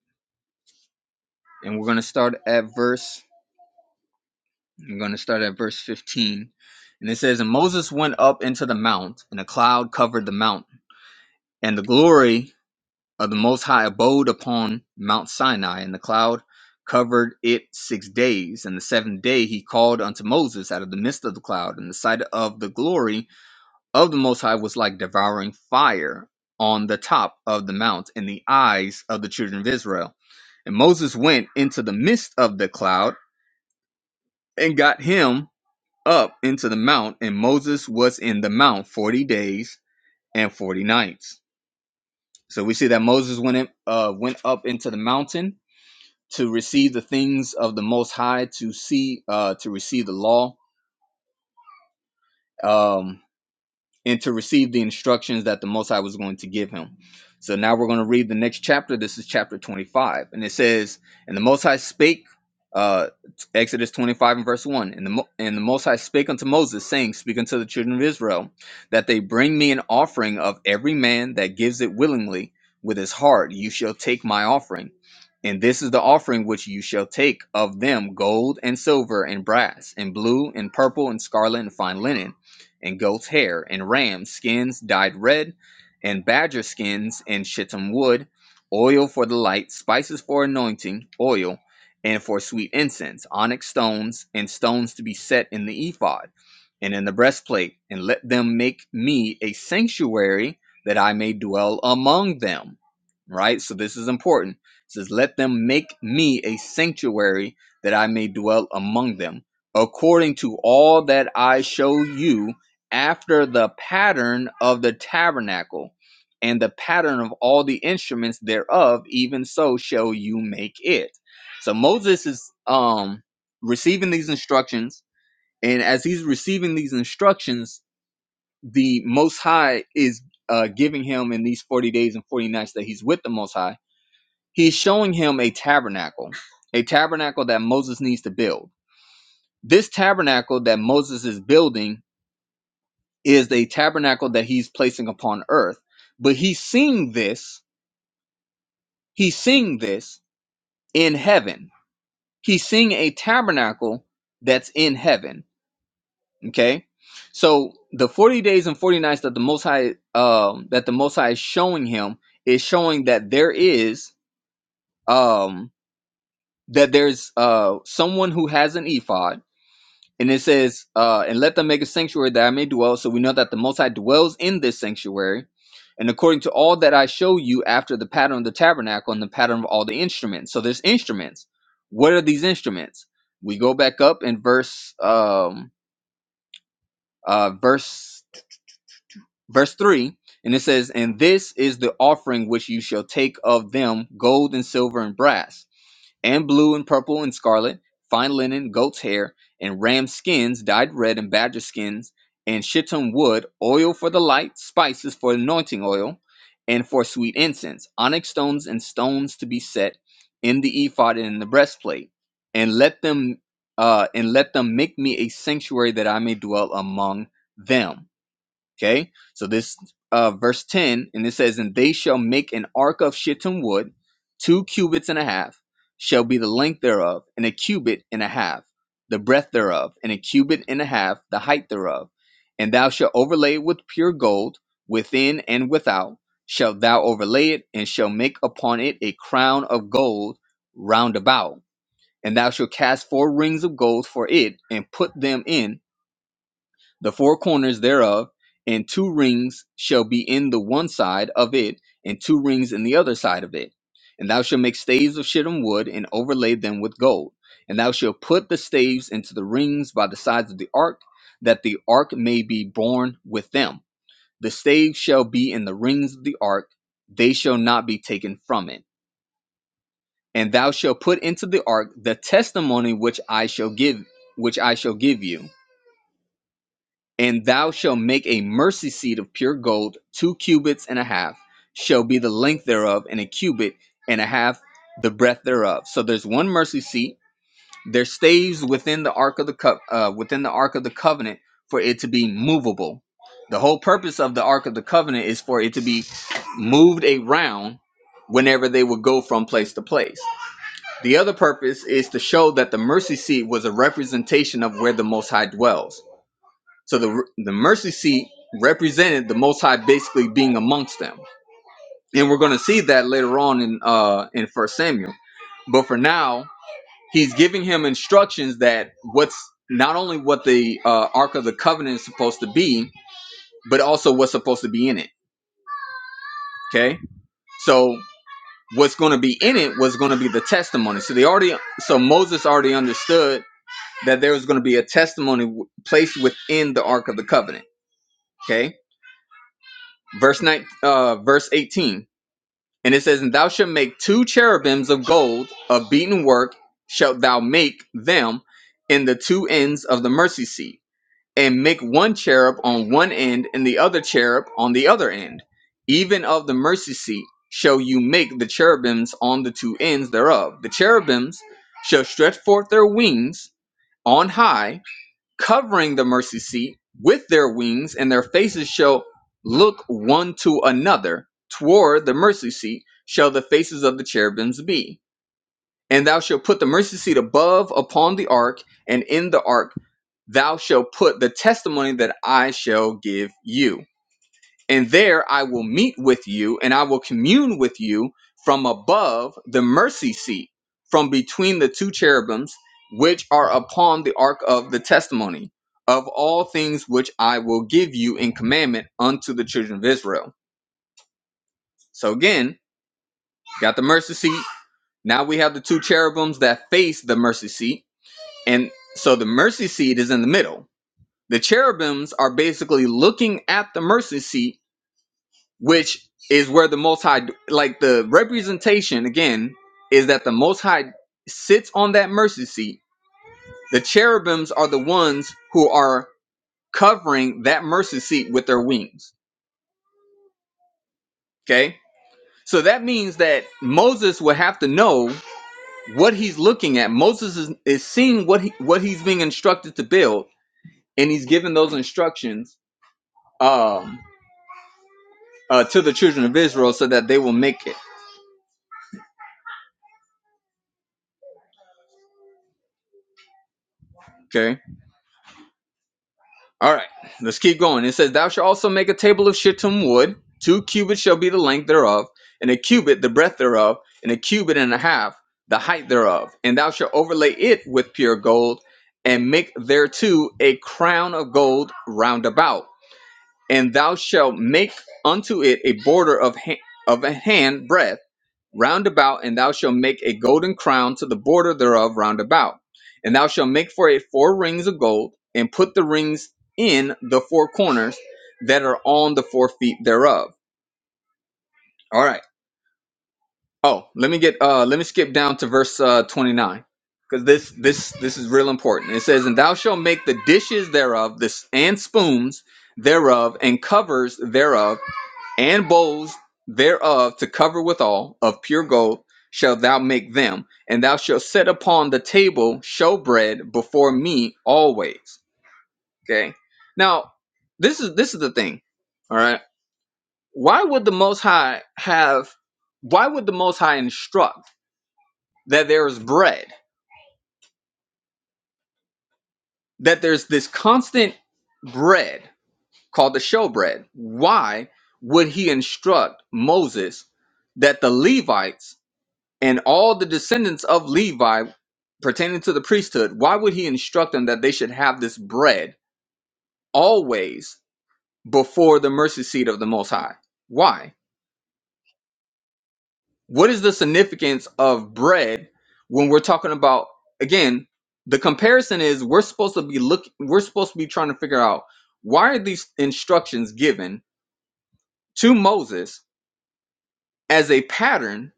A: And we're going to start at verse. I'm going to start at verse 15. And it says, And Moses went up into the mount, and a cloud covered the mount. And the glory Uh, the Most High abode upon Mount Sinai, and the cloud covered it six days. And the seventh day he called unto Moses out of the midst of the cloud, and the sight of the glory of the Most High was like devouring fire on the top of the mount in the eyes of the children of Israel. And Moses went into the midst of the cloud and got him up into the mount, and Moses was in the mount forty days and forty nights. So we see that Moses went in, uh, went up into the mountain to receive the things of the Most High, to see, uh, to receive the law. Um, and to receive the instructions that the Most High was going to give him. So now we're going to read the next chapter. This is chapter 25. And it says, And the Most High spake, uh, Exodus 25 and verse 1. And the, Mo- and the Most High spake unto Moses, saying, Speak unto the children of Israel, that they bring me an offering of every man that gives it willingly with his heart. You shall take my offering. And this is the offering which you shall take of them gold and silver and brass and blue and purple and scarlet and fine linen and goat's hair, and ram skins dyed red, and badger skins and shittim wood, oil for the light, spices for anointing, oil, and for sweet incense, onyx stones, and stones to be set in the ephod and in the breastplate, and let them make me a sanctuary that I may dwell among them. Right? So this is important. It says, Let them make me a sanctuary that I may dwell among them, according to all that I show you, after the pattern of the tabernacle and the pattern of all the instruments thereof, even so shall you make it. So Moses is um receiving these instructions and as he's receiving these instructions, the Most High is uh, giving him in these 40 days and 40 nights that he's with the Most High, he's showing him a tabernacle, a tabernacle that Moses needs to build. This tabernacle that Moses is building is a tabernacle that he's placing upon earth, but he's seeing this, he's seeing this in heaven. He's seeing a tabernacle that's in heaven Okay. So the 40 days and 40 nights that the most high um that the most high is showing him is showing that there is um that there's uh someone who has an ephod and it says uh and let them make a sanctuary that I may dwell so we know that the most high dwells in this sanctuary and according to all that I show you after the pattern of the tabernacle and the pattern of all the instruments so there's instruments what are these instruments we go back up in verse um uh verse verse 3 and it says and this is the offering which you shall take of them gold and silver and brass and blue and purple and scarlet fine linen goat's hair and ram skins dyed red and badger skins and shittim wood oil for the light spices for anointing oil and for sweet incense onyx stones and stones to be set in the ephod and in the breastplate and let them uh, and let them make me a sanctuary that i may dwell among them Okay, so this uh, verse 10, and it says, And they shall make an ark of shittim wood, two cubits and a half shall be the length thereof, and a cubit and a half, the breadth thereof, and a cubit and a half, the height thereof. And thou shalt overlay it with pure gold, within and without, shalt thou overlay it, and shall make upon it a crown of gold round about. And thou shalt cast four rings of gold for it, and put them in the four corners thereof, and two rings shall be in the one side of it, and two rings in the other side of it. And thou shalt make staves of shittim wood, and overlay them with gold. And thou shalt put the staves into the rings by the sides of the ark, that the ark may be borne with them. The staves shall be in the rings of the ark, they shall not be taken from it. And thou shalt put into the ark the testimony which I shall give, which I shall give you And thou shalt make a mercy seat of pure gold, two cubits and a half shall be the length thereof, and a cubit and a half the breadth thereof. So there's one mercy seat. There stays within the ark of the co- uh, within the ark of the covenant for it to be movable. The whole purpose of the ark of the covenant is for it to be moved around whenever they would go from place to place. The other purpose is to show that the mercy seat was a representation of where the Most High dwells so the the mercy seat represented the Most High basically being amongst them, and we're going to see that later on in uh in First Samuel. But for now, he's giving him instructions that what's not only what the uh, Ark of the Covenant is supposed to be, but also what's supposed to be in it. Okay, so what's going to be in it was going to be the testimony. So they already so Moses already understood that there was going to be a testimony w- placed within the Ark of the Covenant. Okay, verse nine, uh, verse eighteen. And it says, And thou shalt make two cherubims of gold of beaten work, shalt thou make them in the two ends of the mercy seat, and make one cherub on one end and the other cherub on the other end. Even of the mercy seat shall you make the cherubims on the two ends thereof. The cherubims shall stretch forth their wings on high covering the mercy seat with their wings, and their faces shall look one to another. Toward the mercy seat shall the faces of the cherubims be. And thou shalt put the mercy seat above upon the ark, and in the ark thou shalt put the testimony that I shall give you and there I will meet with you and I will commune with you from above the mercy seat from between the two cherubims which are upon the ark of the testimony of all things which I will give you in commandment unto the children of Israel. So again, got the mercy seat. Now we have the two cherubims that face the mercy seat. And so the mercy seat is in the middle. The cherubims are basically looking at the mercy seat which is where the most high like the representation again is that the most high sits on that mercy seat the cherubims are the ones who are covering that mercy seat with their wings okay so that means that moses would have to know what he's looking at moses is, is seeing what he what he's being instructed to build and he's giving those instructions um uh, to the children of israel so that they will make it okay All right, let's keep going. It says, Thou shalt also make a table of shittim wood. Two cubits shall be the length thereof, and a cubit the breadth thereof, and a cubit and a half the height thereof. And thou shalt overlay it with pure gold, and make thereto a crown of gold round about. And thou shalt make unto it a border of ha- of a hand breadth round about, and thou shalt make a golden crown to the border thereof round about. And thou shalt make for it four rings of gold, and put the rings in the four corners that are on the four feet thereof. All right. Oh, let me get uh let me skip down to verse uh 29 because this this this is real important. It says, "And thou shalt make the dishes thereof, this and spoons thereof, and covers thereof." and bowls thereof to cover withal of pure gold shalt thou make them, and thou shalt set upon the table showbread before me always. Okay. Now, this is this is the thing. All right. Why would the Most High have? Why would the Most High instruct that there is bread, that there's this constant bread called the showbread? Why would he instruct Moses that the Levites and all the descendants of Levi pertaining to the priesthood, why would he instruct them that they should have this bread always before the mercy seat of the Most High? Why? What is the significance of bread when we're talking about again? The comparison is we're supposed to be look we're supposed to be trying to figure out why are these instructions given to Moses as a pattern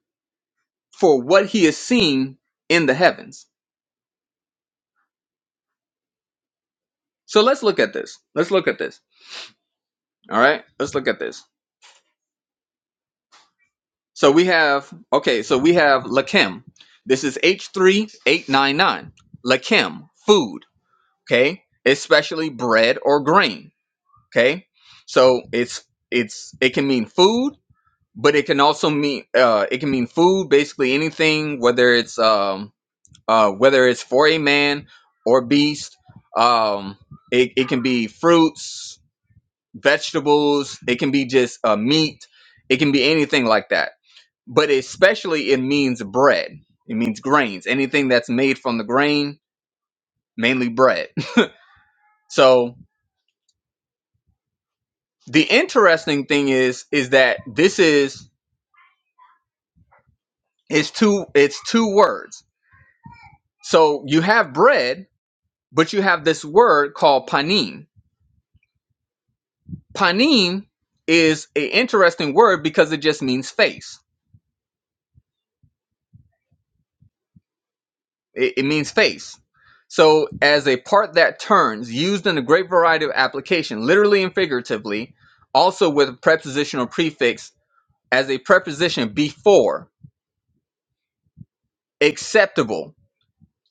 A: for what he is seeing in the heavens. So let's look at this. Let's look at this All right, let's look at this. So we have, okay, so we have Lakim. This is H3899. Lakim, food, okay? Especially bread or grain, okay? So it's it's it can mean food, but it can also mean uh it can mean food basically anything whether it's um uh whether it's for a man or beast. Um it, it can be fruits, vegetables, it can be just uh meat, it can be anything like that but especially it means bread. It means grains. Anything that's made from the grain, mainly bread. So the interesting thing is is that this is it's two it's two words. So you have bread, but you have this word called panim. Panim is an interesting word because it just means face. It, it means face. So, as a part that turns, used in a great variety of application, literally and figuratively, also with a prepositional prefix as a preposition before, acceptable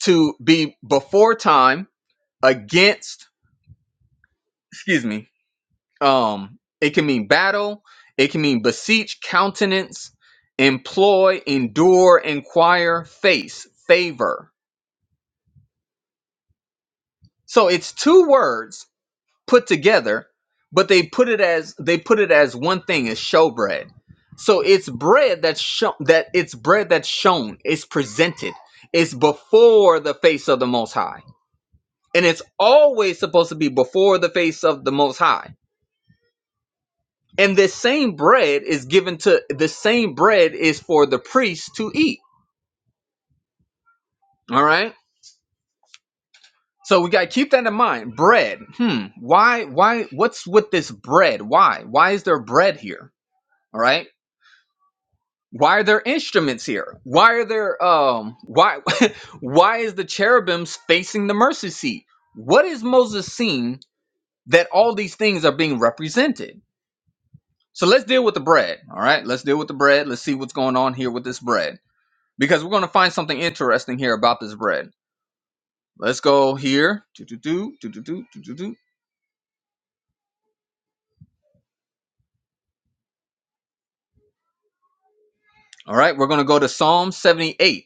A: to be before time, against, excuse me, um, it can mean battle, it can mean beseech, countenance, employ, endure, inquire, face, favor. So it's two words put together, but they put it as they put it as one thing as showbread. So it's bread that's shown that it's bread that's shown, it's presented, it's before the face of the most high. And it's always supposed to be before the face of the most high. And this same bread is given to the same bread is for the priest to eat. All right. So we gotta keep that in mind. Bread. Hmm. Why why what's with this bread? Why? Why is there bread here? All right why are there instruments here why are there um why why is the cherubims facing the mercy seat what is moses seeing that all these things are being represented so let's deal with the bread all right let's deal with the bread let's see what's going on here with this bread because we're going to find something interesting here about this bread let's go here do, do, do, do, do, do, do, do, do. all right we're going to go to psalm 78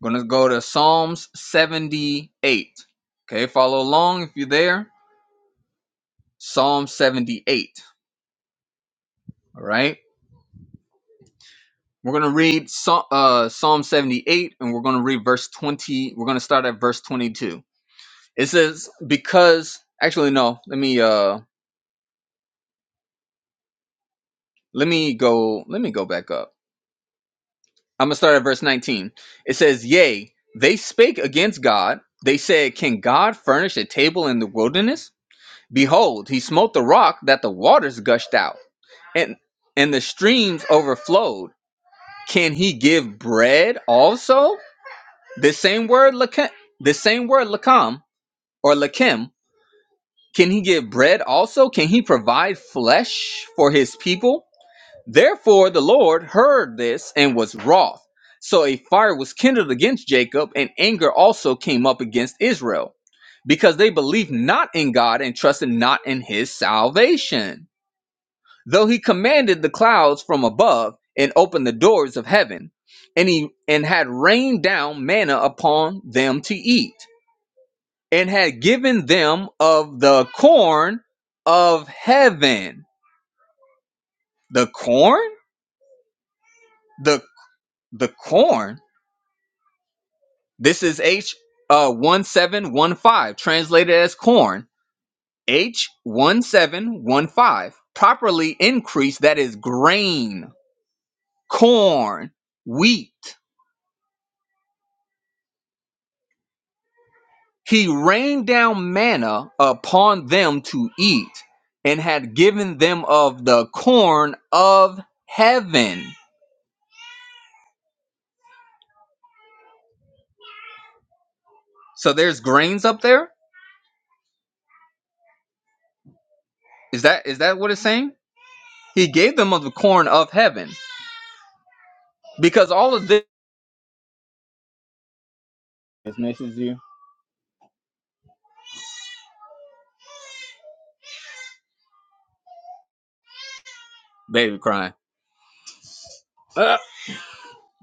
A: we're going to go to psalms 78 okay follow along if you're there Psalm 78. All right. We're going to read Psa- uh, Psalm 78 and we're going to read verse 20. We're going to start at verse 22. It says, because actually, no, let me, uh, let me go, let me go back up. I'm going to start at verse 19. It says, yea, they spake against God. They said, can God furnish a table in the wilderness? Behold, he smote the rock that the waters gushed out and, and the streams overflowed. Can he give bread also? This same word lakem, this same word lakam or lakim, can he give bread also? Can he provide flesh for his people? Therefore the Lord heard this and was wroth. So a fire was kindled against Jacob, and anger also came up against Israel, because they believed not in God and trusted not in his salvation. Though he commanded the clouds from above and opened the doors of heaven, and he and had rained down manna upon them to eat and had given them of the corn of heaven. The corn? The the corn. This is H uh 1715, translated as corn. H 1715. Properly increased, that is grain, corn, wheat. He rained down manna upon them to eat, and had given them of the corn of heaven. So there's grains up there Is that is that what it's saying? He gave them of the corn of heaven because all of this baby crying. Ah,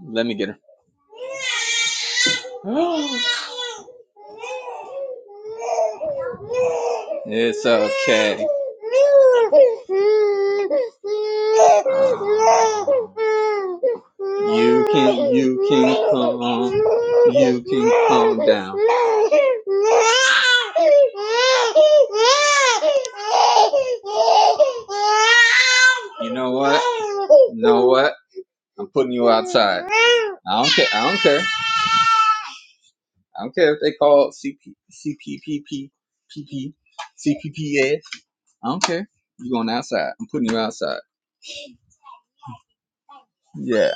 A: let me get her. It's okay. know what? What? I'm putting you I don't care. I don't care. I don't care if they call CP CPPP PP CPPS. I don't care. You going outside? I'm putting you outside. Yeah.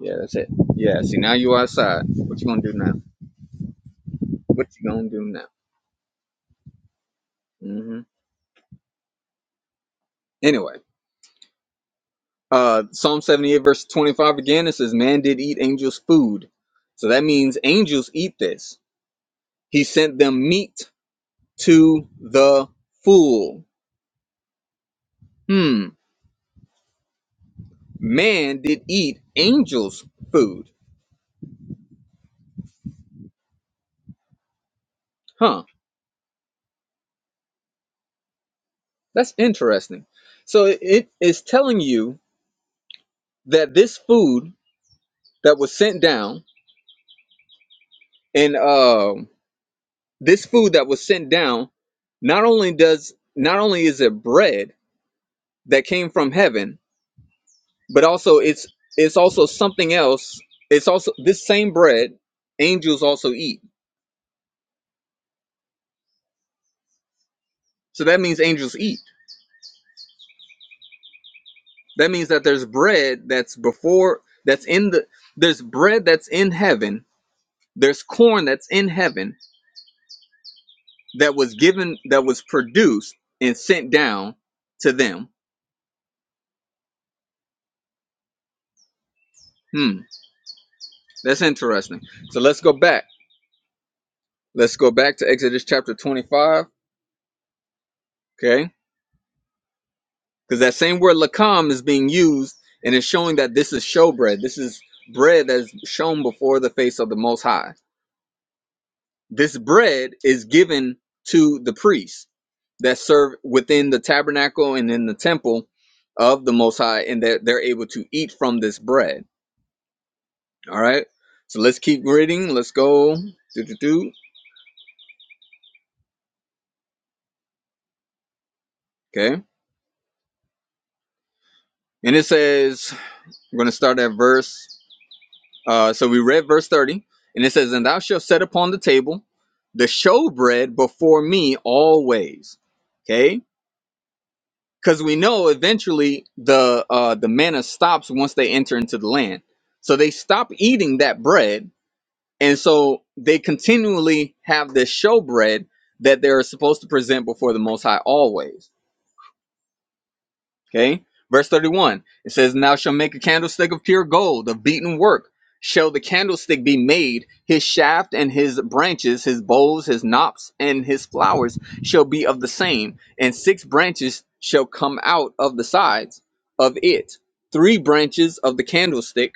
A: Yeah. That's it. Yeah. See now you outside. What you gonna do now? What you gonna do now? hmm Anyway. Uh, Psalm 78, verse 25 again, it says, Man did eat angels' food. So that means angels eat this. He sent them meat to the full. Hmm. Man did eat angels' food. Huh. That's interesting. So it is telling you that this food that was sent down, and uh, this food that was sent down, not only does not only is it bread that came from heaven, but also it's it's also something else it's also this same bread angels also eat so that means angels eat that means that there's bread that's before that's in the there's bread that's in heaven there's corn that's in heaven that was given that was produced and sent down to them hmm that's interesting so let's go back let's go back to exodus chapter 25 okay Because that same word lakam is being used and it's showing that this is showbread. This is bread that is shown before the face of the Most High. This bread is given to the priests that serve within the tabernacle and in the temple of the Most High, and that they're, able to eat from this bread. All right. So let's keep reading. Let's go. Do, do, do. Okay. And it says, we're going to start at verse Uh, so we read verse 30, and it says, And thou shalt set upon the table the showbread before me always. Okay? Because we know eventually the uh, the manna stops once they enter into the land. So they stop eating that bread, and so they continually have this showbread that they're supposed to present before the Most High always. Okay. Verse 31, it says, "Now shall make a candlestick of pure gold, of beaten work. Shall the candlestick be made, his shaft and his branches, his bowls, his knops, and his flowers shall be of the same, and six branches shall come out of the sides of it. Three branches of the candlestick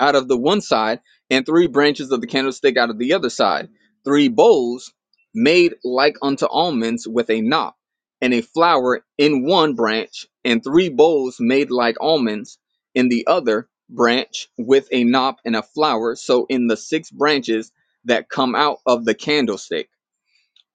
A: out of the one side, and three branches of the candlestick out of the other side, three bowls made like unto almonds with a knop, and a flower in one branch, and three bowls made like almonds in the other branch with a knop and a flower. So in the six branches that come out of the candlestick.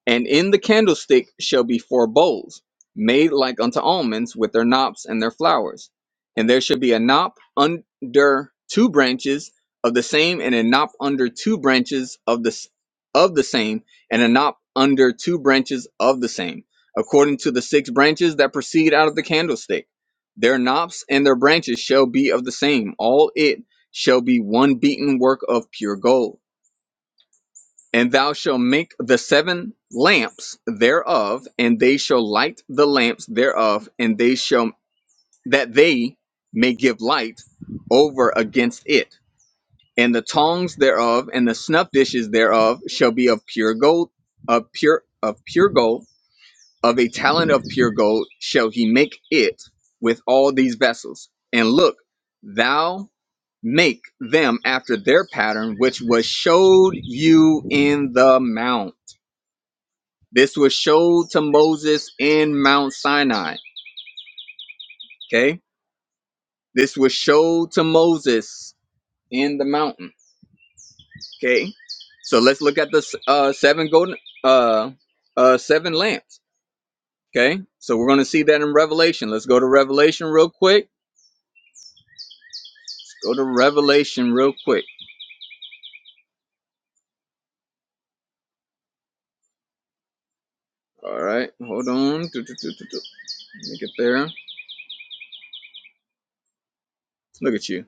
A: And in the candlestick shall be four bowls, made like unto almonds, with their knops and their flowers. And there shall be a knop under two branches of the same, and a knop under two branches of the s- of the same, and a knop under two branches of the same, according to the six branches that proceed out of the candlestick. Their knops and their branches shall be of the same. All it shall be one beaten work of pure gold. And thou shalt make the seven lamps thereof, and they shall light the lamps thereof, and they shall that they may give light over against it. And the tongs thereof and the snuff dishes thereof shall be of pure gold, of pure of pure gold, of a talent of pure gold shall he make it with all these vessels. And look, thou make them after their pattern which was showed you in the mount this was showed to Moses in Mount Sinai. Okay. This was showed to Moses in the mountain. Okay. So let's look at the uh, seven golden, uh, uh, seven lamps. Okay. So we're going to see that in Revelation. Let's go to Revelation real quick. Let's go to Revelation real quick. All right. Hold on. Do, do, Let me get there. Look at you.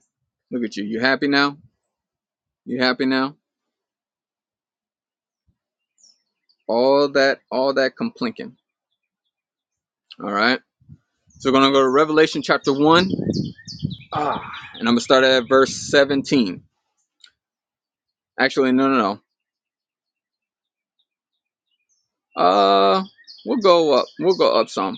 A: Look at you. You happy now? You happy now? All that, all that complinking. All right. So we're going to go to Revelation chapter 1, and I'm going to start at verse 17. Actually, no, no, no. Uh, we'll go up. We'll go up some.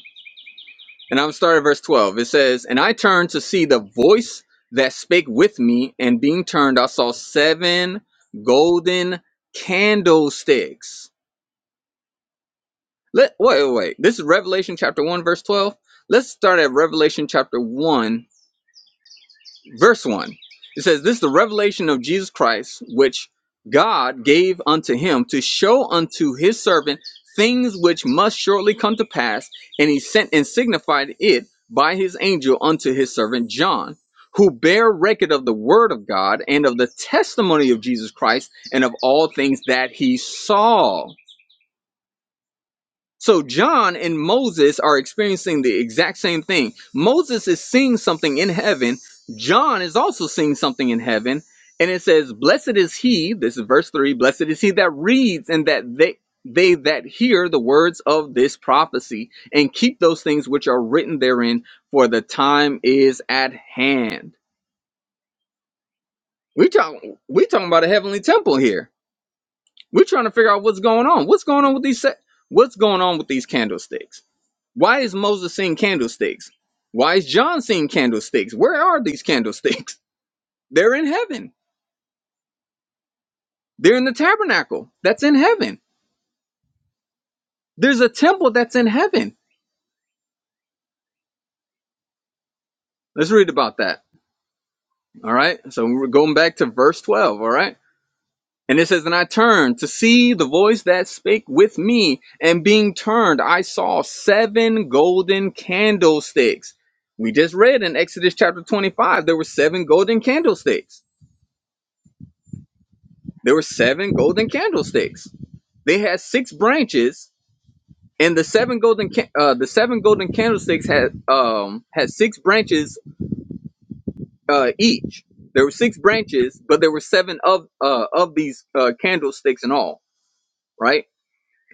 A: And I'm going to start at verse 12. It says, And I turned to see the voice that spake with me, and being turned, I saw seven golden candlesticks. Let, wait, wait, wait. This is Revelation chapter 1, verse 12. Let's start at Revelation chapter 1 verse 1. It says, This is the revelation of Jesus Christ, which God gave unto him to show unto his servant things which must shortly come to pass. And he sent and signified it by his angel unto his servant John, who bare record of the word of God and of the testimony of Jesus Christ and of all things that he saw. So John and Moses are experiencing the exact same thing. Moses is seeing something in heaven. John is also seeing something in heaven. And it says, Blessed is he, this is verse 3, blessed is he that reads and that they they that hear the words of this prophecy and keep those things which are written therein, for the time is at hand. We talking we talking about a heavenly temple here. We're trying to figure out what's going on. What's going on with these se- what's going on with these candlesticks? Why is Moses seeing candlesticks? Why is John seeing candlesticks? Where are these candlesticks? They're in heaven. They're in the tabernacle. That's in heaven. There's a temple that's in heaven. Let's read about that. All right. So we're going back to verse 12. All right. And it says, And I turned to see the voice that spake with me. And being turned, I saw seven golden candlesticks. We just read in Exodus chapter 25, there were seven golden candlesticks. There were seven golden candlesticks They had six branches, and the seven golden ca- uh, the seven golden candlesticks had um had six branches uh, each. There were six branches, but there were seven of uh, of these uh, candlesticks in all, right?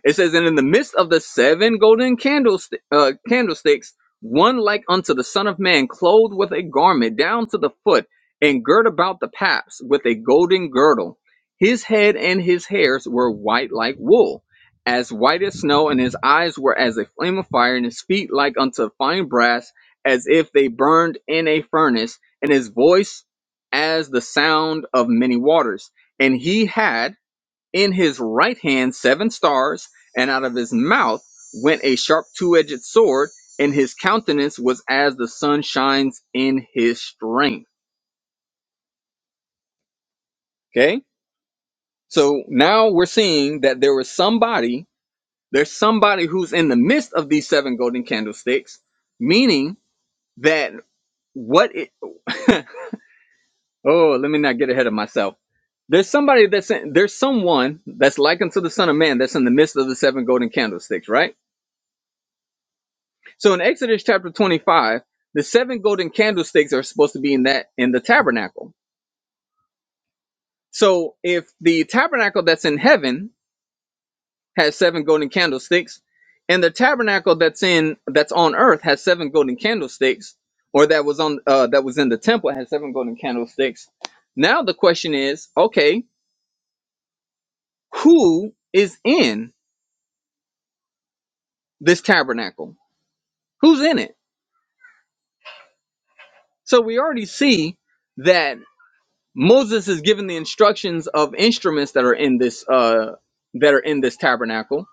A: It says, and in the midst of the seven golden candlestick, uh, candlesticks, one like unto the Son of Man, clothed with a garment down to the foot, and girt about the paps with a golden girdle. His head and his hairs were white like wool, as white as snow, and his eyes were as a flame of fire, and his feet like unto fine brass, as if they burned in a furnace, and his voice as the sound of many waters. And he had in his right hand seven stars, and out of his mouth went a sharp two edged sword, and his countenance was as the sun shines in his strength. Okay? So now we're seeing that there was somebody, there's somebody who's in the midst of these seven golden candlesticks, meaning that what it, oh, let me not get ahead of myself. There's somebody that's in, there's someone that's likened to the Son of Man that's in the midst of the seven golden candlesticks, right? So in Exodus chapter 25, the seven golden candlesticks are supposed to be in that in the tabernacle. So if the tabernacle that's in heaven has seven golden candlesticks, and the tabernacle that's in that's on earth has seven golden candlesticks, or that was on uh, that was in the temple has seven golden candlesticks. Now the question is, okay, who is in this tabernacle? Who's in it? So we already see that Moses is given the instructions of instruments that are in this uh that are in this tabernacle.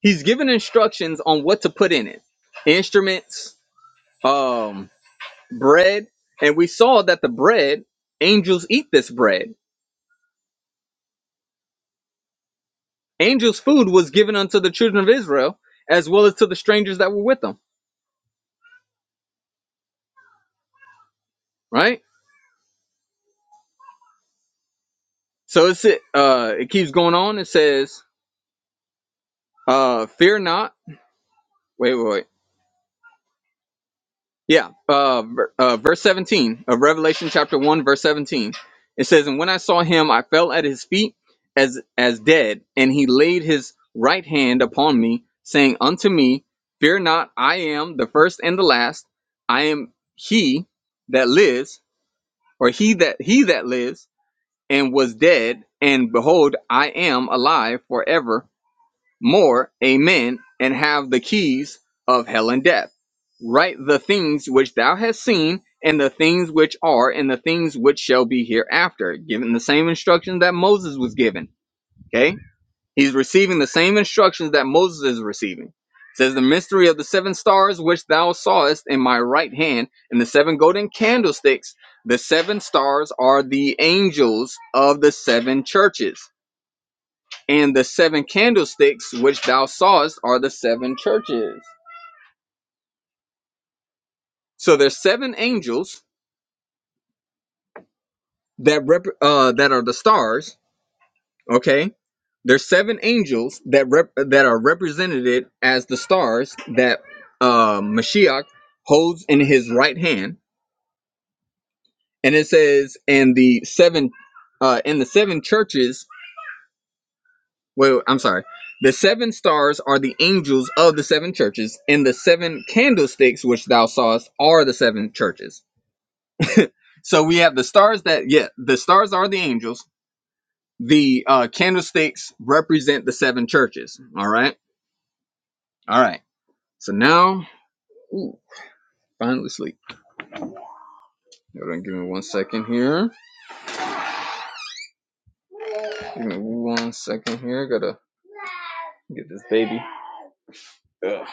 A: He's given instructions on what to put in it. Instruments, um, bread, and we saw that the bread, angels eat this bread. Angels' food was given unto the children of Israel as well as to the strangers that were with them, right? So it's it uh it keeps going on. It says, uh, fear not. Wait, wait, wait. Yeah, uh, ver- uh, verse 17 of Revelation chapter 1, verse 17. It says, And when I saw him, I fell at his feet as, as dead, and he laid his right hand upon me, saying unto me, Fear not, I am the first and the last. I am he that lives, or he that he that lives, and was dead, and behold, I am alive forever, more, amen, and have the keys of hell and death. Write the things which thou hast seen, and the things which are, and the things which shall be hereafter. Given the same instructions that Moses was given. Okay? He's receiving the same instructions that Moses is receiving. It says, The mystery of the seven stars which thou sawest in my right hand, and the seven golden candlesticks. The seven stars are the angels of the seven churches and the seven candlesticks which thou sawest are the seven churches. So there's seven angels that rep- uh, that are the stars. Okay, there's seven angels that rep- that are represented as the stars that uh, Mashiach holds in his right hand, and it says, and the seven uh, and the seven churches. Well, I'm sorry. The seven stars are the angels of the seven churches, and the seven candlesticks which thou sawest are the seven churches. So we have the stars that yeah, the stars are the angels. The uh, candlesticks represent the seven churches. All right, all right. So now, ooh, finally sleep. Hold on, give me one second here. Give me one second here. Gotta get this baby. Ugh.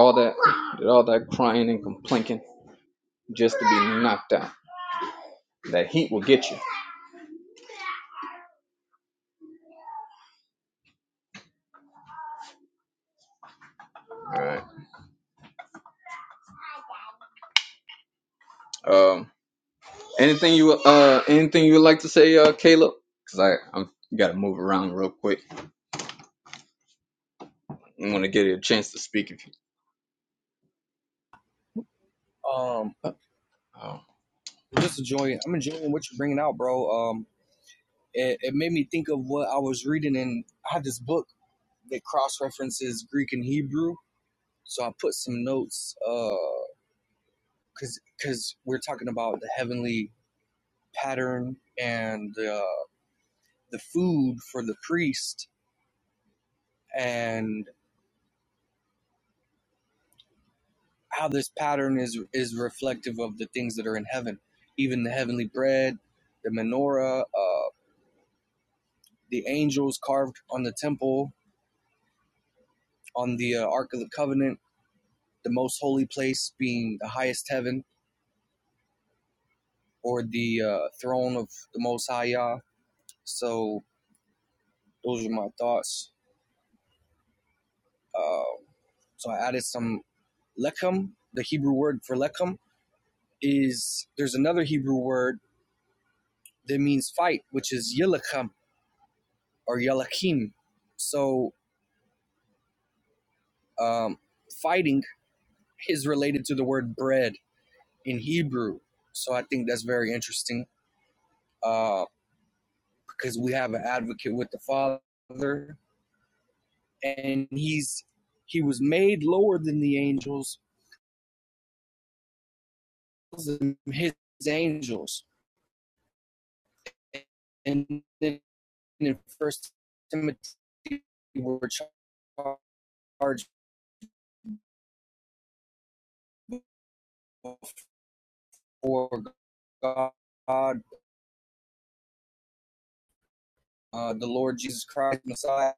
A: All that, did all that crying and complaining just to be knocked out. That heat will get you. All right. Um. Anything you uh anything you would like to say, uh, Caleb? Cause I I'm gotta move around real quick. I want to give you a chance to speak if you.
D: Um,
A: Oh.
D: I'm just enjoying. I'm enjoying what you're bringing out, bro. Um, it, it made me think of what I was reading, and I had this book that cross references Greek and Hebrew, So I put some notes because uh, because we're talking about the heavenly pattern and uh, the food for the priest and how this pattern is is reflective of the things that are in heaven, even the heavenly bread, the menorah, uh, the angels carved on the temple, on the uh, Ark of the Covenant, the most holy place being the highest heaven or the uh, throne of the Most High Yah. So those are my thoughts. uh. So I added some lechem. The Hebrew word for lechem is there's another Hebrew word that means fight, which is yilachem or yelakim. So um, fighting is related to the word bread in Hebrew. So I think that's very interesting uh, because we have an advocate with the Father, and he's he was made lower than the angels, his angels, and then in First Timothy were charged before God, uh, the Lord Jesus Christ, Messiah,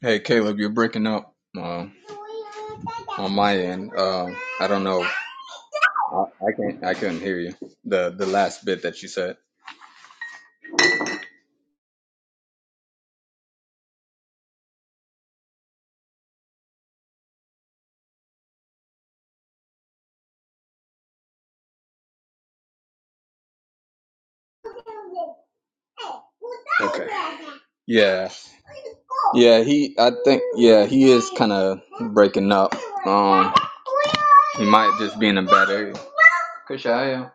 A: Hey, Caleb, you're breaking up. Um, um, I don't know. I, I can't. I couldn't hear you. The the last bit that you said. Yeah, yeah. He, I uh, breaking up. Just being a bad Kushaya.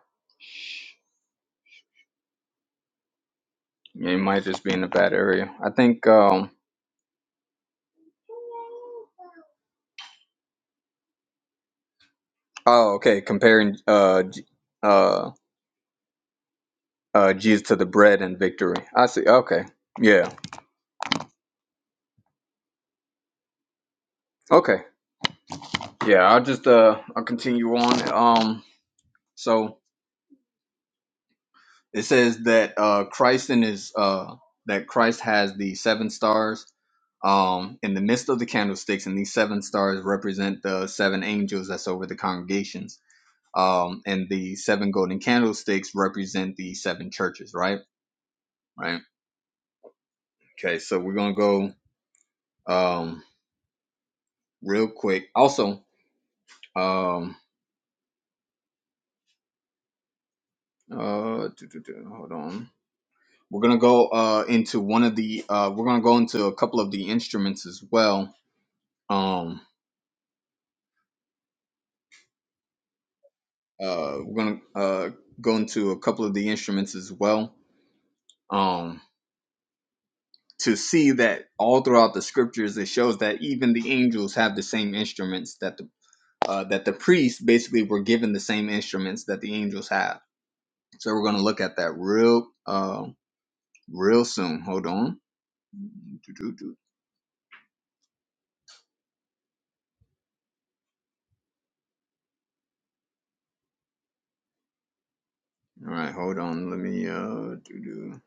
A: Yeah, he might just be in a bad area. I think. Um. Oh, okay. Comparing uh, J- uh, uh, Jesus to the bread and victory. I see. Okay. Yeah. Okay. Yeah. I'll just uh, I'll continue on. Um. So. It says that uh, Christ in his uh, that Christ has the seven stars um, in the midst of the candlesticks, and these seven stars represent the seven angels that's over the congregations. Um, and the seven golden candlesticks represent the seven churches, right? Right. Okay, so we're gonna go um, real quick. Also, um, uh, do, do, do, hold on. We're gonna go uh, into one of the. Uh, we're gonna go into a couple of the instruments as well. Um, Uh, we're gonna uh, go into a couple of the instruments as well um, to see that all throughout the scriptures it shows that even the angels have the same instruments that the uh, that the priests basically were given the same instruments that the angels have. So we're gonna look at that real uh, real soon. Hold on. All right, hold on. Let me. Uh, doo-doo.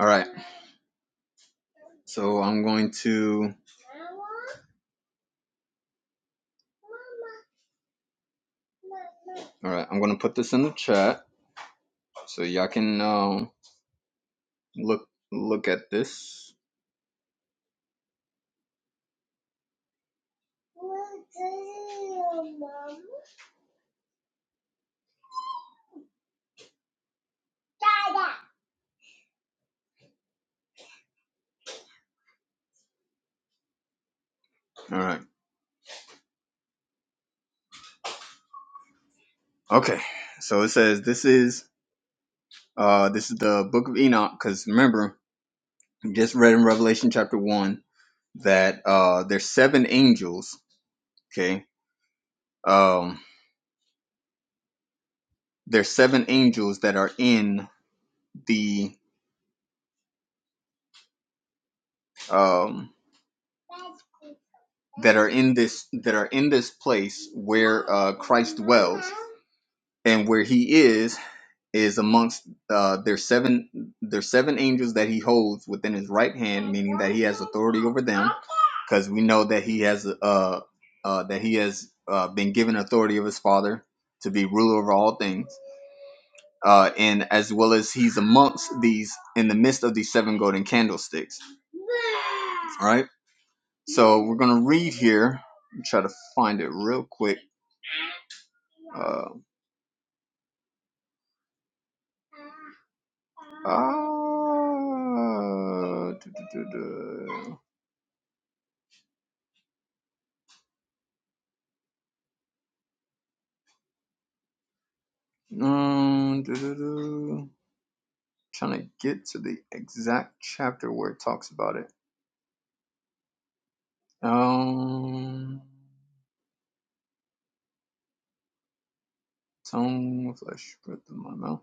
A: all right, so I'm going to. All right, I'm gonna put this in the chat so y'all can um, look look at this. All right. Okay, so it says this is uh this is the book of Enoch because remember we just read in Revelation chapter one that uh there's seven angels. Okay, um there's seven angels that are in the um that are in this that are in this place where and where he is is amongst uh, there's seven there's seven angels that he holds within his right hand, meaning that he has authority over them, because we know that he has uh, uh, that he has uh, been given authority of his father to be ruler over all things, uh, and as well as he's amongst these in the midst of these seven golden candlesticks. All right, so we're gonna read here. Try to find it real quick. Uh, uh, duh, duh, duh, duh. Um, doo-doo-doo. trying to get to the exact chapter where it talks about it. Um, tongue, flesh, breath of my mouth.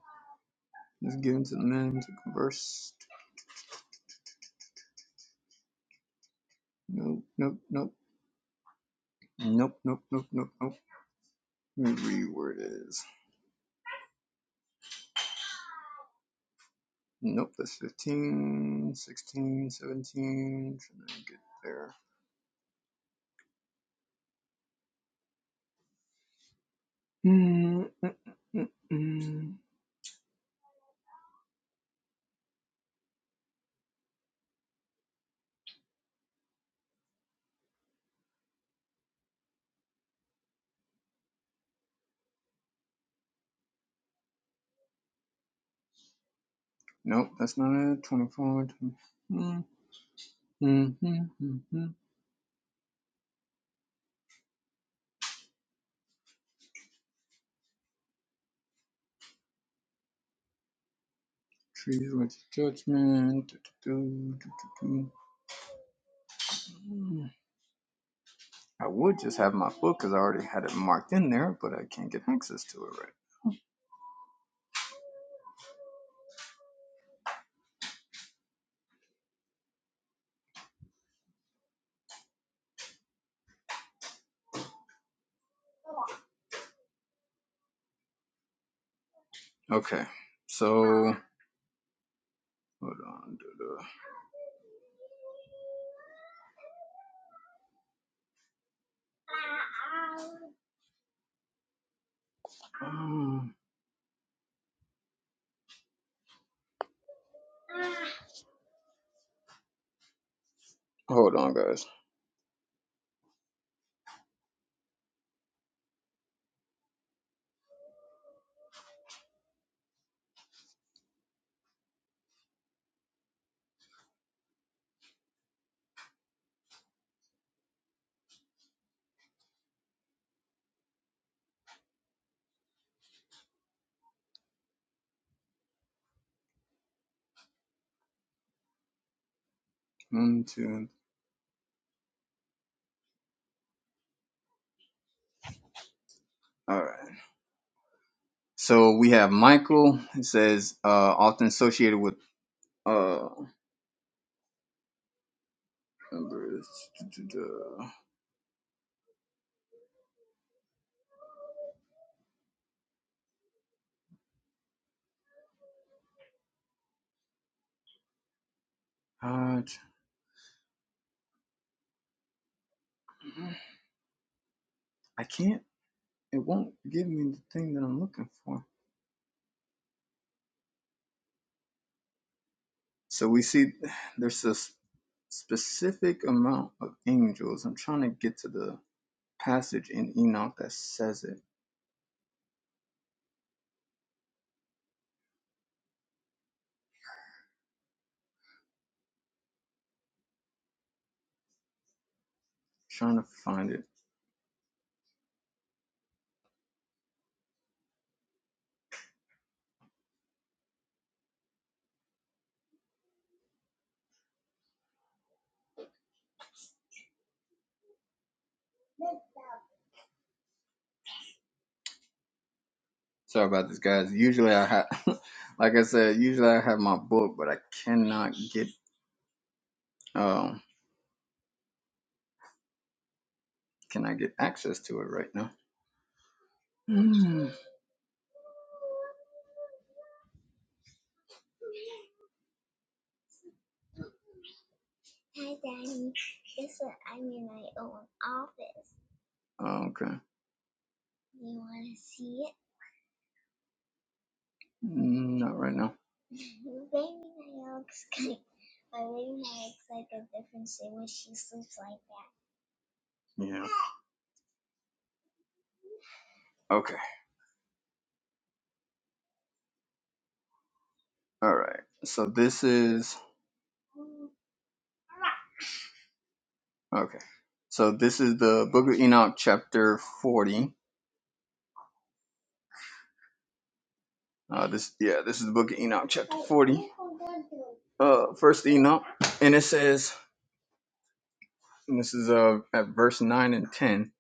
A: Is given to the men to converse. Nope, nope, nope, nope, nope, nope, nope, nope. Let me read where it is. Nope, that's 15, 16, 17. Trying to get there. Mm, mm, mm, mm. Nope, that's not it. 24, twenty. Mm, mm, mm, mm, mm. Trees with judgment. Do, do, do, do, I would just have my book because I already had it marked in there, but I can't get access to it right. Okay, so hold on. do, do. Um, Hold on, guys. One, two. All right. So we have Michael. It says uh, often associated with uh, numbers. do, do, do. Uh, I can't. It won't give me the thing that I'm looking for. So we see there's a s- specific amount of angels. I'm trying to get to the passage in Enoch that says it. trying to find it. Sorry about this, guys. Usually I have, like I said, usually I have my book, but I cannot get, um, can I get access to it right now? Mm. Okay. Mm, Not right now. Yeah. Okay. All right. So this is okay. So this is the Book of Enoch, chapter forty. Uh, this yeah, this is the Book of Enoch, uh first enoch and it says and this is uh at verse 9 and 10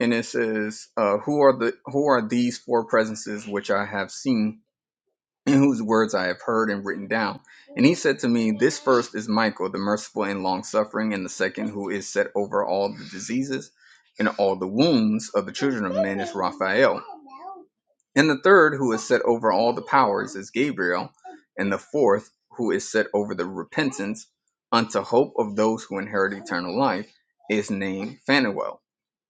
A: and it says uh who are the who are these four presences which i have seen and whose words i have heard and written down he said to me first is michael the merciful and long suffering and the second who is set over all the diseases and all the wounds of the children of men is raphael And the third, who is set over all the powers, is Gabriel. And the fourth, who is set over the repentance unto hope of those who inherit eternal life, is named Phanuel.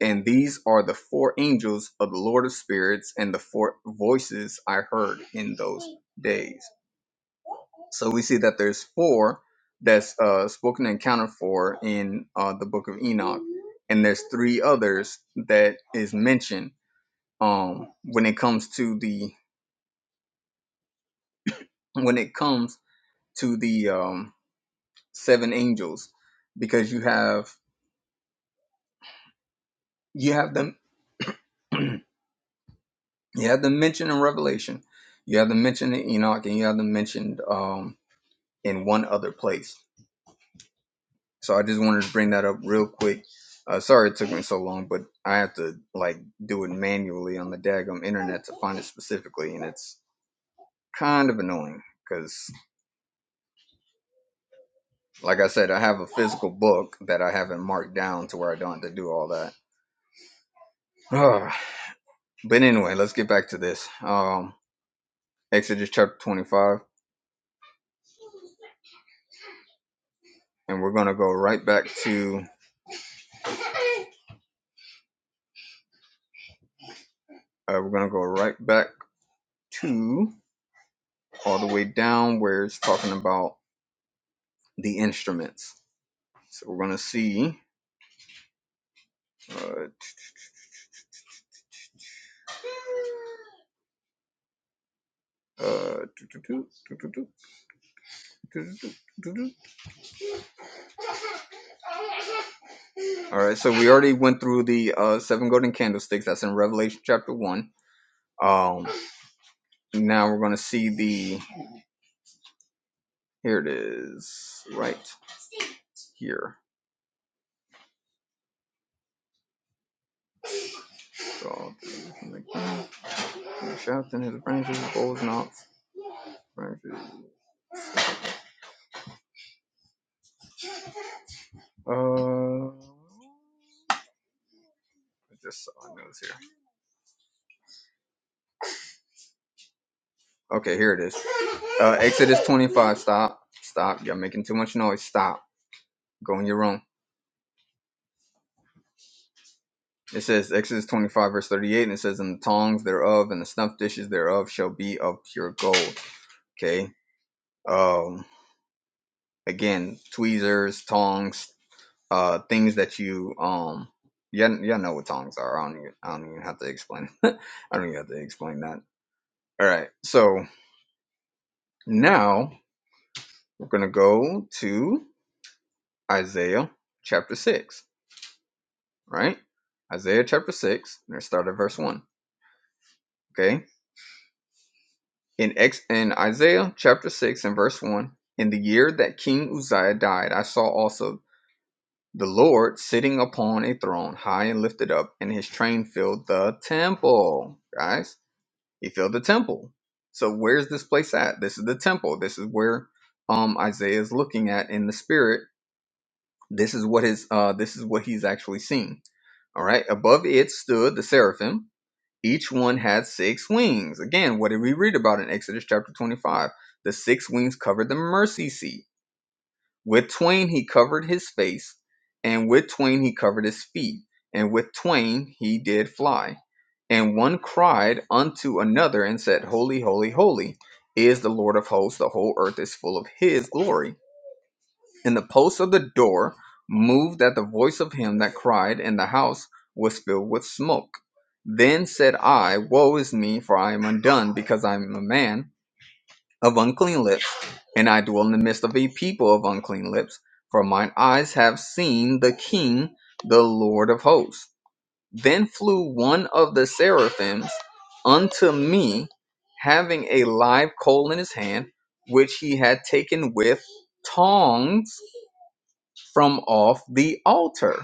A: And these are the four angels of the Lord of Spirits and the four voices I heard in those days. So we see that there's four that's uh, spoken and accounted for in uh, the book of Enoch. And there's three others that is mentioned um, when it comes to the when it comes to the um, seven angels because you have you have them you have them mentioned in revelation you have them mentioned in enoch and you have them mentioned um, in one other place so i just wanted to bring that up real quick uh, sorry it took me so long but i have to like do it manually on the daggum internet to find it specifically and it's kind of annoying because like i said i have a physical book that i haven't marked down to where i don't have to do all that Ah, But anyway, let's get back to this. Um, Exodus chapter 25, and we're gonna go right back to uh, we're gonna go right back to all the way down where it's talking about the instruments. So we're gonna see. Uh, uh, all right, so we already went through the uh, seven golden candlesticks. That's in Revelation chapter one. Um, now we're gonna see the here it is right here. So, like, Shafting his branches, bowls not branches. Uh, I just saw here. Okay, here it is. Uh, Exodus 25. Stop. Stop. you all making too much noise. Stop. Go in your room. It says Exodus 25 verse 38, and it says, "And the tongs thereof and the snuff dishes thereof shall be of pure gold." Okay. Um. Again, tweezers, tongs, uh, things that you um. Y'all, y'all know what tongs are. I don't. Even, I don't even have to explain. I don't even have to explain that. All right. So, Now we're going to go to Isaiah chapter 6, right? Isaiah chapter 6, and let's start at verse 1, okay? In, ex- in Isaiah chapter 6 and verse 1, in the year that King Uzziah died, I saw also the Lord sitting upon a throne, high and lifted up, and his train filled the temple, guys. He filled the temple. So where's this place at? This is the temple. This is where um, Isaiah is looking at in the spirit This is what is uh, this is what he's actually seen. All right. Above it stood the seraphim. Each one had six wings. Again, what did we read about in Exodus chapter 25? The six wings covered the mercy seat. With twain he covered his face, and with twain he covered his feet, and with twain he did fly. And one cried unto another and said, Holy, holy, holy is the Lord of hosts. The whole earth is full of his glory. And the posts of the door moved at the voice of him that cried, and the house was filled with smoke. Then said I, Woe is me, for I am undone, because I am a man of unclean lips, and I dwell in the midst of a people of unclean lips, for mine eyes have seen the King, the Lord of hosts. Then flew one of the seraphims unto me, having a live coal in his hand, which he had taken with tongs from off the altar.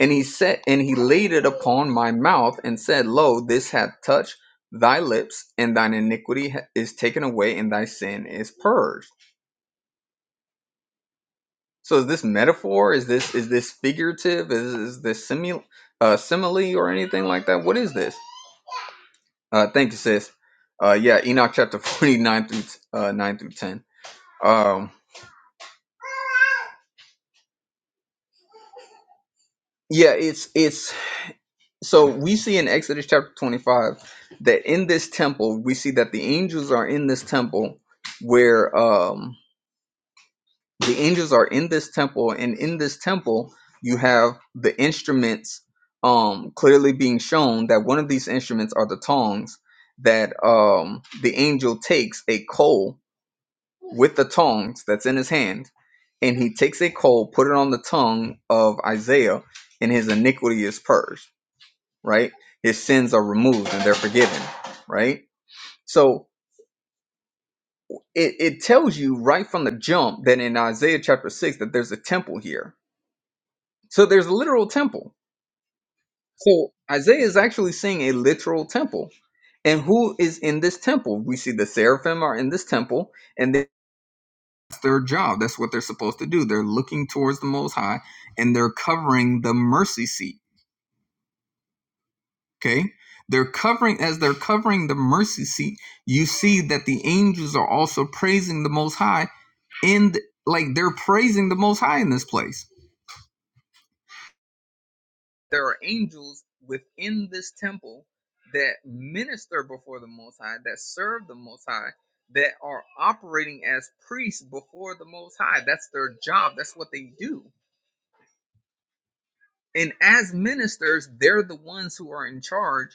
A: And he said, and he laid it upon my mouth and said, Lo, this hath touched thy lips, and thine iniquity is taken away, and thy sin is purged. So is this metaphor? Is this is this figurative? Is, is this simul- uh, simile or anything like that? What is this? Uh, thank you, sis. Uh, yeah, Enoch chapter forty nine through uh, nine through ten. Um, yeah, it's it's so we see in Exodus chapter 25 that in this temple we see that the angels are in this temple where um the angels are in this temple and in this temple you have the instruments um clearly being shown that one of these instruments are the tongs that um the angel takes a coal with the tongs that's in his hand and he takes a coal put it on the tongue of Isaiah and his iniquity is purged right? His sins are removed and they're forgiven, right? So it, it tells you right from the jump that in Isaiah chapter 6 that there's a temple here. So there's a literal temple. So Isaiah is actually seeing a literal temple. And who is in this temple? We see the seraphim are in this temple and that's their job. That's what they're supposed to do. They're looking towards the Most High and they're covering the mercy seat Okay. They're covering, as they're covering the mercy seat, you see that the angels are also praising the Most High. And like they're praising the Most High in this place. There are angels within this temple that minister before the Most High, that serve the Most High, that are operating as priests before the Most High. That's their job. That's what they do. And as ministers, they're the ones who are in charge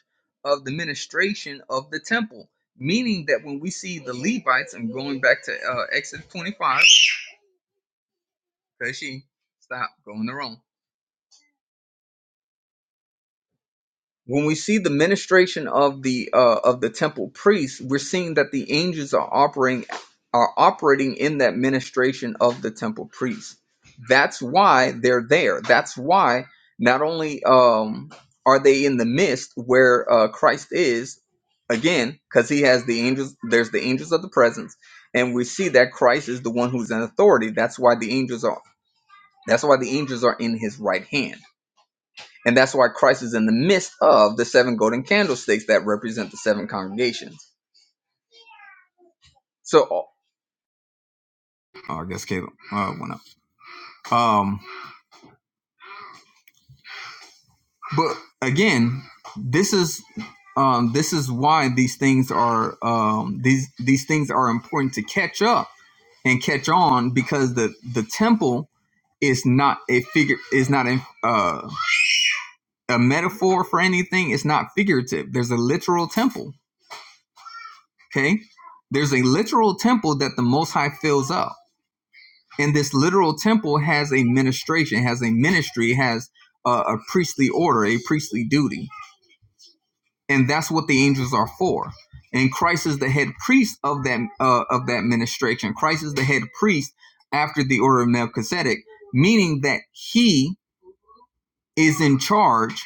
A: of the ministration of the temple. Meaning that when we see the Levites, I'm going back to uh, Exodus 25, because she stopped going the wrong. when we see the ministration of the uh, of the temple priests, we're seeing that the angels are operating are operating in that ministration of the temple priests. That's why they're there. That's why not only um, are they in the midst where uh, Christ is again, because he has the angels. There's the angels of the presence, and we see that Christ is the one who's in authority. That's why the angels are. That's why the angels are in his right hand and that's why Christ is in the midst of the seven golden candlesticks that represent the seven congregations. So, oh, oh, I guess Caleb uh, went up. Um, but again, this is um, this is why these things are um, these these things are important to catch up and catch on because the the temple is not a figure is not a uh, a metaphor for anything. It's not figurative. There's a literal temple. Okay, there's a literal temple that the Most High fills up And this literal temple has a ministration, has a ministry, has a, a priestly order, a priestly duty, and that's what the angels are for. And Christ is the head priest of that uh, of that ministration. Christ is the head priest after the order of Melchizedek, meaning that he is in charge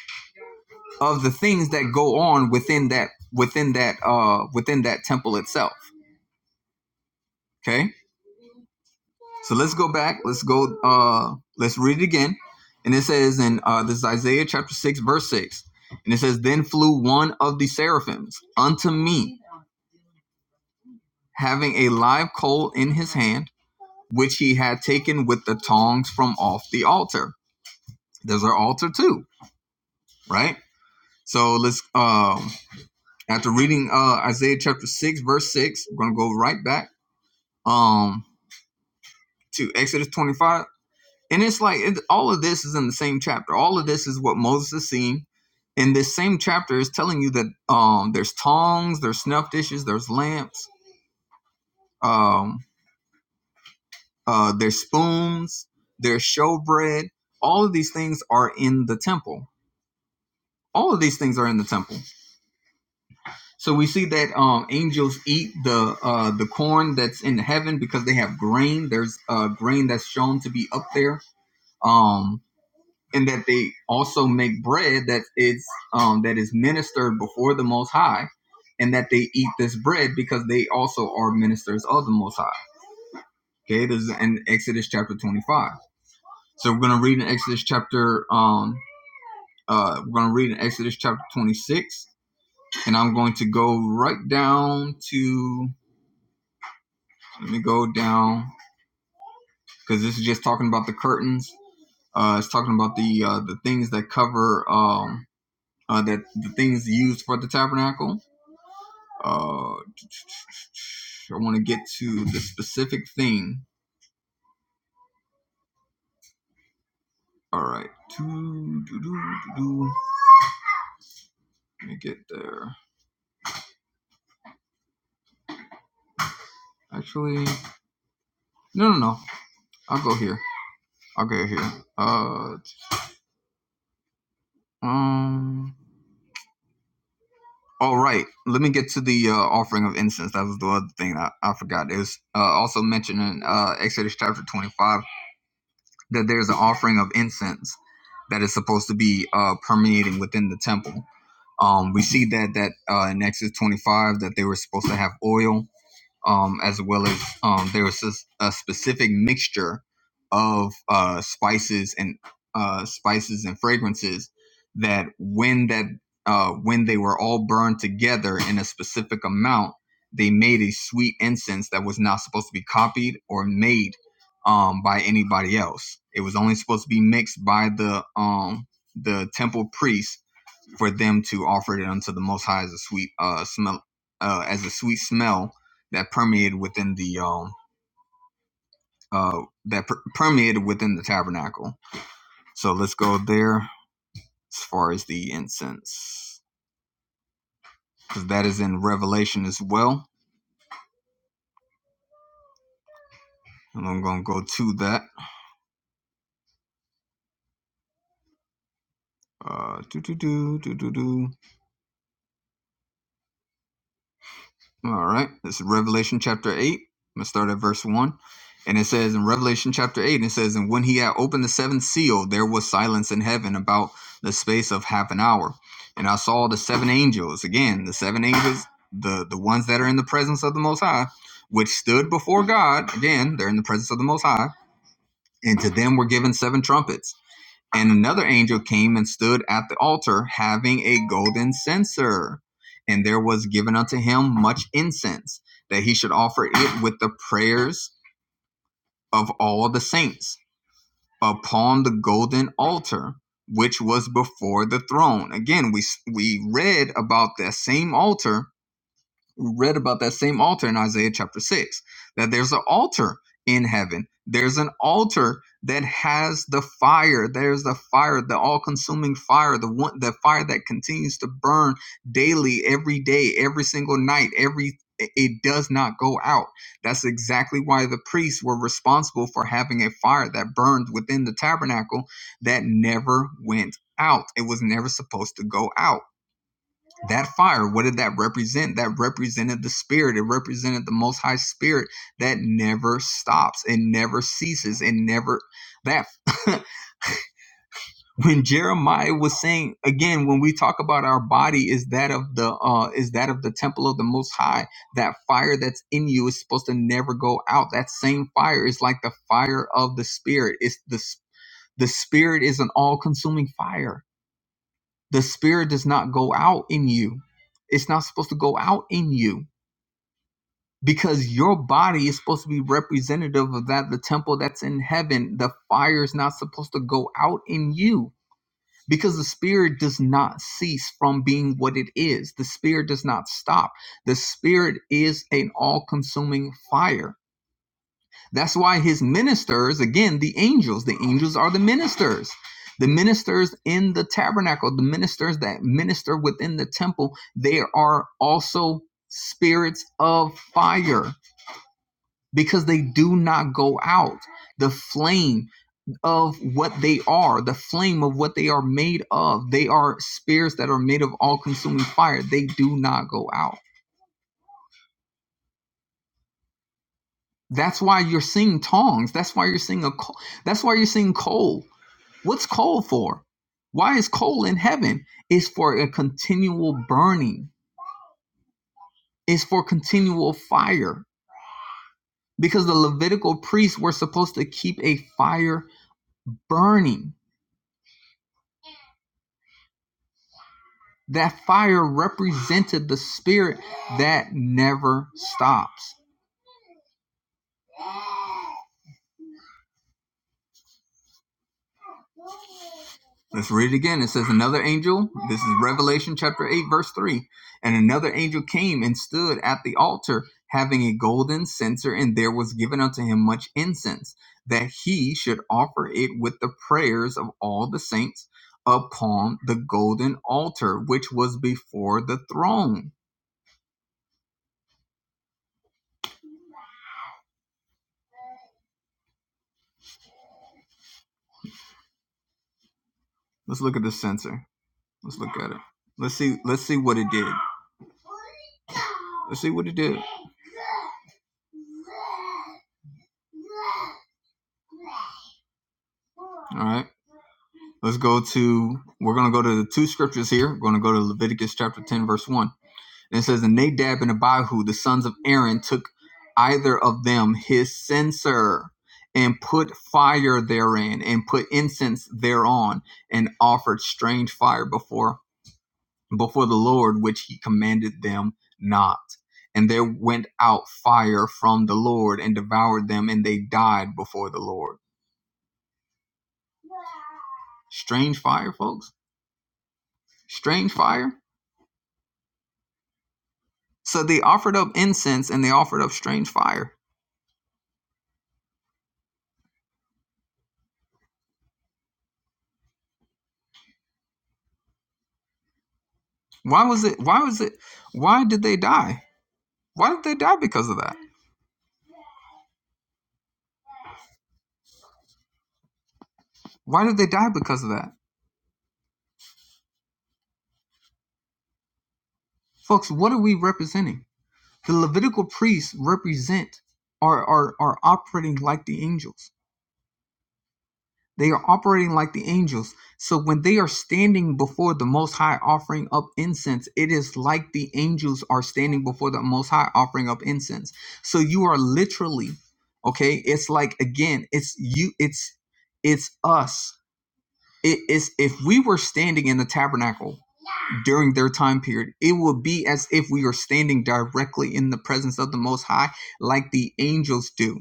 A: of the things that go on within that within that uh within that temple itself. Okay So let's go back. Let's go. Uh, let's read it again. And it says in uh, this is Isaiah chapter six, verse six, and it says, "Then flew one of the seraphims unto me, having a live coal in his hand, which he had taken with the tongs from off the altar." There's our altar too, right? So let's. Um, after reading uh, Isaiah chapter six, verse six, we're gonna go right back um, to Exodus 25 And it's like it, all of this is in the same chapter. All of this is what Moses is seeing. And this same chapter is telling you that um, there's tongs, there's snuff dishes, there's lamps, um, uh, there's spoons, there's showbread. All of these things are in the temple. All of these things are in the temple. So we see that um, angels eat the uh, the corn that's in heaven because they have grain. There's uh, grain that's shown to be up there. Um, and that they also make bread that is um, that is ministered before the Most High, and that they eat this bread because they also are ministers of the Most High. Okay, this is in Exodus chapter twenty-five. So we're gonna read in Exodus chapter um uh we're gonna read in Exodus chapter twenty-six, and I'm going to go right down to let me go down because this is just talking about the curtains. Uh, it's talking about the uh, the things that cover um uh, that the things used for the tabernacle Uh, I want to get to the specific thing. All right. Let me get there. Actually, no, no, no. I'll go here. I'll go here. Uh, um. All right. Let me get to the uh, offering of incense. That was the other thing I, I forgot. It was uh, also mentioned in uh, Exodus chapter twenty-five that there's an offering of incense that is supposed to be uh, permeating within the temple Um, we see that that uh, in Exodus 25 that they were supposed to have oil, um, as well as um, there was a, a specific mixture of uh, spices and uh, spices and fragrances that when that uh, when they were all burned together in a specific amount, they made a sweet incense that was not supposed to be copied or made um, by anybody else. It was only supposed to be mixed by the um, the temple priest for them to offer it unto the Most High as a sweet uh, smell, uh, as a sweet smell that permeated within the um, uh, that per- permeated within the tabernacle. So let's go there as far as the incense, because that is in Revelation as well. And I'm gonna go to that. Uh, do do do do do do. All right. This is Revelation chapter 8. I'm going to start at verse 1. And it says in Revelation chapter 8, it says, And when he had opened the seventh seal, there was silence in heaven about the space of half an hour. And I saw the seven angels, again, the seven angels, the, the ones that are in the presence of the Most High, which stood before God. Again, they're in the presence of the Most High. And to them were given seven trumpets. And another angel came and stood at the altar, having a golden censer. And there was given unto him much incense, that he should offer it with the prayers of all the saints upon the golden altar, which was before the throne. Again, we, we read about that same altar read about that same altar in Isaiah chapter 6 that there's an altar in heaven. There's an altar that has the fire. There's the fire, the all-consuming fire, the one the fire that continues to burn daily every day, every single night, every it does not go out. That's exactly why the priests were responsible for having a fire that burned within the tabernacle that never went out. It was never supposed to go out that fire what did that represent that represented the spirit it represented the most high spirit that never stops and never ceases and never that when jeremiah was saying again when we talk about our body is that of the uh is that of the temple of the most high that fire that's in you is supposed to never go out that same fire is like the fire of the spirit it's the the spirit is an all-consuming fire the spirit does not go out in you. It's not supposed to go out in you because your body is supposed to be representative of that the temple that's in heaven. The fire is not supposed to go out in you because the spirit does not cease from being what it is. The spirit does not stop. The spirit is an all-consuming fire that's why his ministers, again, the angels, the angels are the ministers. The ministers in the tabernacle, the ministers that minister within the temple, they are also spirits of fire because they do not go out. The flame of what they are, the flame of what they are made of, they are spirits that are made of all consuming fire. They do not go out. That's why you're seeing tongs. That's why you're seeing a. That's why you're seeing coal What's coal for? Why is coal in heaven? It's for a continual burning, it's for continual fire. Because the Levitical priests were supposed to keep a fire burning. That fire represented the spirit that never stops. Let's read it again. It says, Another angel, is Revelation chapter 8, verse 3. And another angel came and stood at the altar, having a golden censer, and there was given unto him much incense, that he should offer it with the prayers of all the saints upon the golden altar, which was before the throne. Let's look at the censer. Let's look at it. Let's see, let's see what it did. Let's see what it did. All right. Let's go to, we're going to go to the two scriptures here. We're going to go to Leviticus chapter 10, verse 1. And it says, And Nadab and Abihu, the sons of Aaron, took either of them his censer and put fire therein and put incense thereon and offered strange fire before before the Lord which he commanded them not and there went out fire from the Lord and devoured them and they died before the Lord strange fire folks strange fire So they offered up incense and they offered up strange fire. Why was it? Why was it? Why did they die? Why did they die because of that? Why did they die because of that? Folks, what are we representing? The Levitical priests represent are are, are operating like the angels. They are operating like the angels. So when they are standing before the Most High offering up incense, it is like the angels are standing before the Most High offering up incense. So you are literally, okay, it's like again, it's you, it's it's us. It is if we were standing in the tabernacle during their time period, it would be as if we are standing directly in the presence of the Most High, like the angels do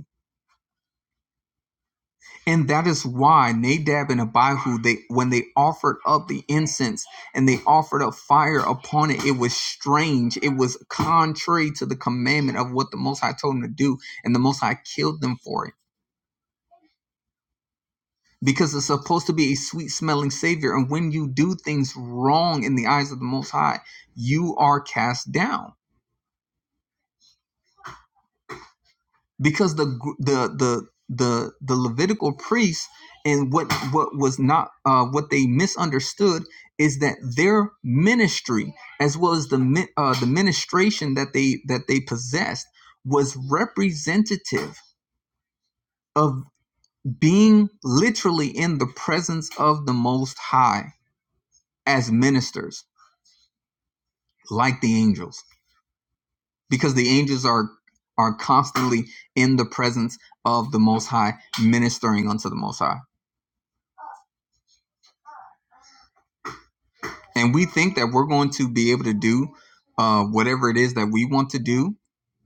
A: And that is why Nadab and Abihu, they when they offered up the incense and they offered up fire upon it, it was strange. It was contrary to the commandment of what the Most High told them to do, and the Most High killed them for it. Because it's supposed to be a sweet smelling savior. And when you do things wrong in the eyes of the Most High, you are cast down. because the the the the the Levitical priests and what what was not uh, what they misunderstood is that their ministry as well as the uh, the ministration that they that they possessed was representative of being literally in the presence of the Most High as ministers like the angels because the angels are are constantly in the presence of the Most High ministering unto the Most High and we think that we're going to be able to do uh, whatever it is that we want to do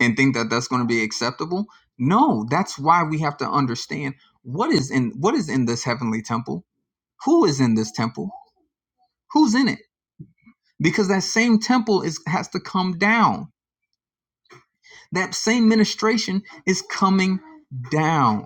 A: and think that that's going to be acceptable no that's why we have to understand what is in what is in this heavenly temple who is in this temple who's in it because that same temple is has to come down that same ministration is coming down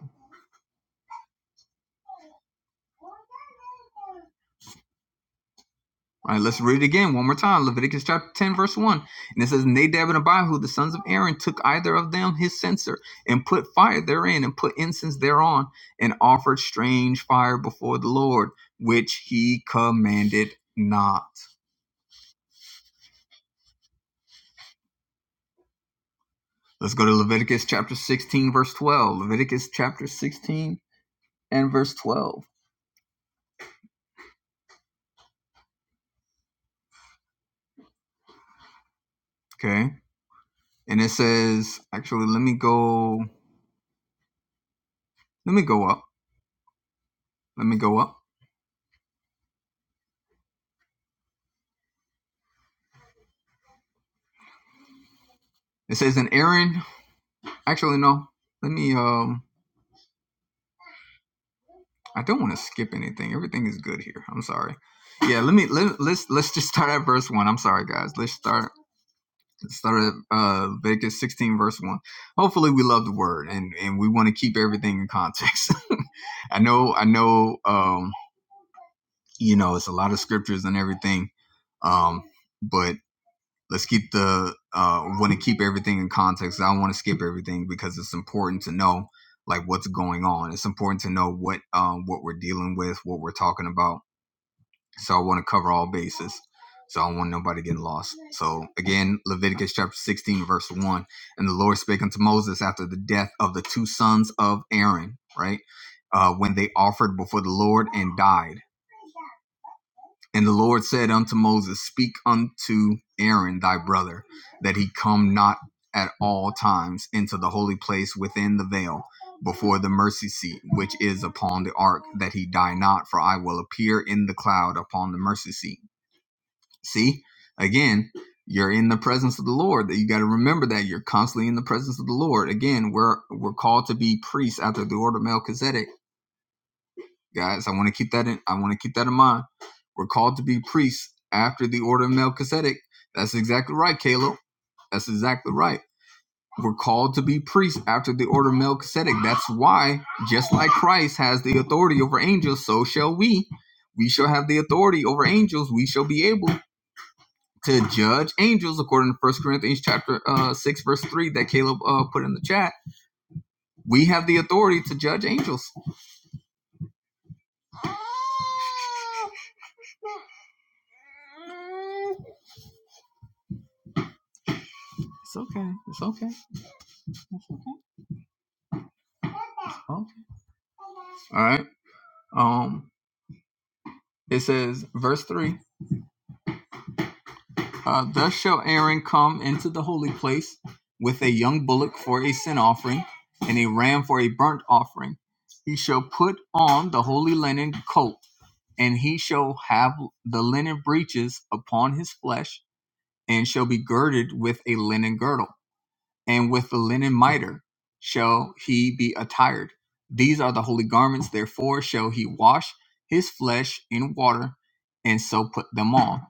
A: All right, let's read it again one more time. Leviticus chapter 10, verse 1. And it says, Nadab and Abihu, the sons of Aaron, took either of them his censer and put fire therein and put incense thereon and offered strange fire before the Lord, which he commanded not. Let's go to Leviticus chapter 16, verse 12. Leviticus chapter 16 and verse 12. Okay. And it says, actually, let me go, let me go up. Let me go up. It says, and Aaron, actually, no, let me, um, uh, I don't want to skip anything. Everything is good here. I'm sorry. Yeah, let me let, let's let's just start at verse one. I'm sorry, guys. Let's start start at uh, Leviticus 16, verse one. Hopefully, we love the word and and we want to keep everything in context. I know, I know. Um, you know, it's a lot of scriptures and everything. Um, but let's keep the uh want to keep everything in context. I don't want to skip everything because it's important to know like what's going on. It's important to know what um what we're dealing with, what we're talking about so I want to cover all bases. So I don't want nobody getting lost. So again, Leviticus chapter 16, verse 1. And the Lord spake unto Moses after the death of the two sons of Aaron, right? Uh, when they offered before the Lord and died. And the Lord said unto Moses, Speak unto Aaron thy brother, that he come not at all times into the holy place within the veil before the mercy seat which is upon the ark, that he die not, for I will appear in the cloud upon the mercy seat See, again, you're in the presence of the Lord. That you got to remember that you're constantly in the presence of the Lord. Again, we're we're called to be priests after the order of Melchizedek, guys. I want to keep that in. I want to keep that in mind. We're called to be priests after the order of Melchizedek. That's exactly right, Caleb. That's exactly right. We're called to be priests after the order of Melchizedek. That's why, just like Christ has the authority over angels, so shall we. We shall have the authority over angels. We shall be able to judge angels according to First Corinthians chapter uh, six verse three that Caleb uh, put in the chat. We have the authority to judge angels. It's okay. It's okay. okay. All right. Um. It says verse three. Uh, Thus shall Aaron come into the holy place with a young bullock for a sin offering and a ram for a burnt offering. He shall put on the holy linen coat and he shall have the linen breeches upon his flesh, and shall be girded with a linen girdle and with the linen mitre shall he be attired. These are the holy garments, therefore shall he wash his flesh in water, and so put them on.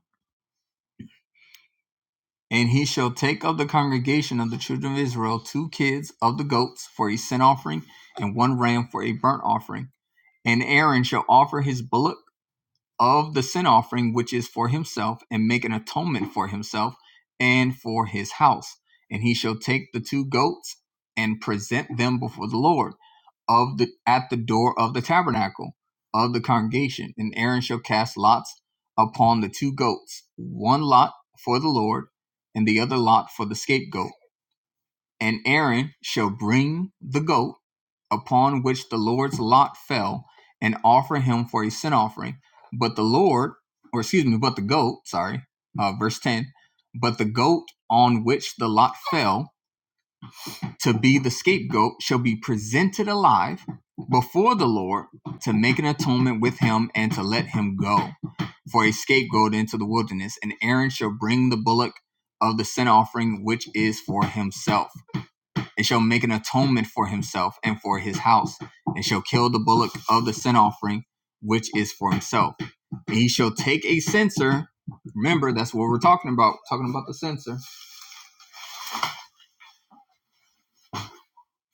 A: And he shall take of the congregation of the children of Israel two kids of the goats for a sin offering, and one ram for a burnt offering. And Aaron shall offer his bullock of the sin offering which is for himself and make an atonement for himself and for his house and he shall take the two goats and present them before the lord of the at the door of the tabernacle of the congregation and aaron shall cast lots upon the two goats one lot for the lord and the other lot for the scapegoat and Aaron shall bring the goat upon which the Lord's lot fell and offer him for a sin offering. But the Lord, or excuse me, but the goat, sorry, uh, verse 10, but the goat on which the lot fell to be the scapegoat shall be presented alive before the Lord to make an atonement with him and to let him go for a scapegoat into the wilderness. And Aaron shall bring the bullock of the sin offering, which is for himself and shall make an atonement for himself and for his house, and shall kill the bullock of the sin offering, which is for himself. And he shall take a censer. Remember, that's what we're talking about, we're talking about the censer,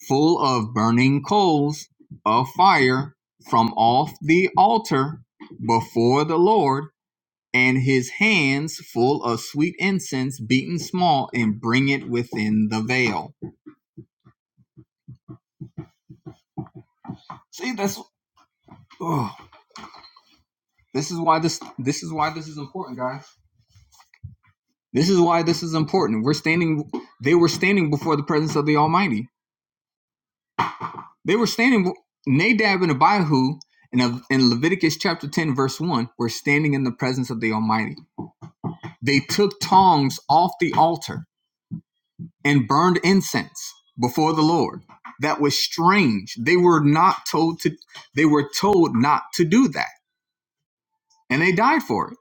A: full of burning coals of fire from off the altar before the Lord, and his hands full of sweet incense beaten small, and bring it within the veil. See, that's oh, this is why this this is why this is important, guys This is why this is important. We're standing, they were standing before the presence of the Almighty. They were standing, Nadab and Abihu in, a, in Leviticus chapter 10, verse 1, were standing in the presence of the Almighty. They took tongs off the altar and burned incense before the Lord. That was strange. They were not told to, they were told not to do that, and they died for it.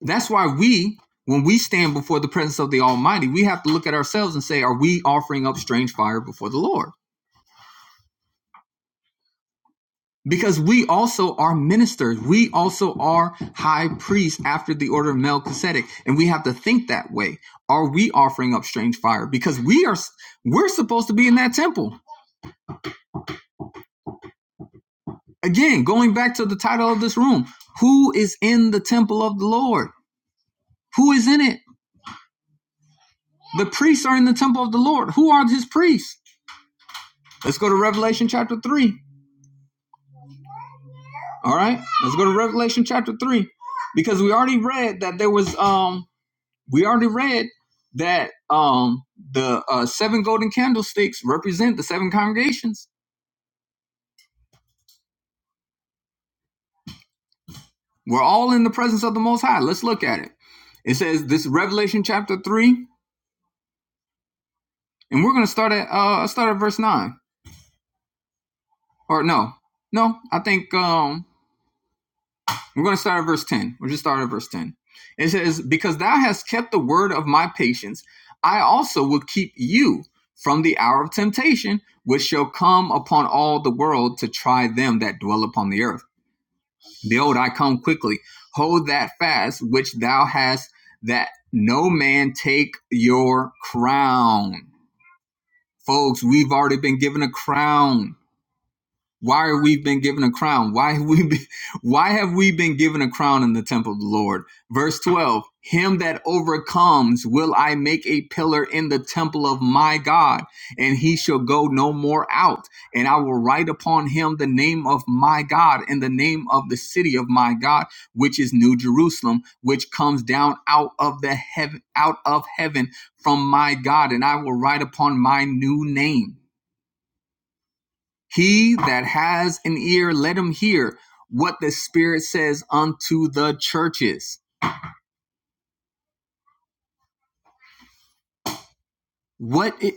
A: That's why we, when we stand before the presence of the Almighty, we have to look at ourselves and say, are we offering up strange fire before the Lord? Because we also are ministers. We also are high priests after the order of Melchizedek. And we have to think that way. Are we offering up strange fire? Because we are, we're supposed to be in that temple. Again, going back to the title of this room, who is in the temple of the Lord? Who is in it? The priests are in the temple of the Lord. Who are his priests? Let's go to Revelation chapter 3. All right, let's go to Revelation chapter three, because we already read that there was um we already read that um the uh, seven golden candlesticks represent the seven congregations. We're all in the presence of the Most High. Let's look at it. It says this Revelation chapter three, and we're gonna start at uh start at verse nine or no no I think um We're going to start at verse 10. We'll just start at verse 10. It says, Because thou hast kept the word of my patience, I also will keep you from the hour of temptation, which shall come upon all the world to try them that dwell upon the earth. Behold, I come quickly. Hold that fast which thou hast, that no man take your crown. Folks, we've already been given a crown. Why are we been given a crown? Why have we been, why have we been given a crown in the temple of the Lord? Verse 12, him that overcomes will I make a pillar in the temple of my God, and he shall go no more out. And I will write upon him the name of my God and the name of the city of my God, which is New Jerusalem, which comes down out of the heaven out of heaven from my God, and I will write upon my new name. He that has an ear, let him hear what the Spirit says unto the churches. What it,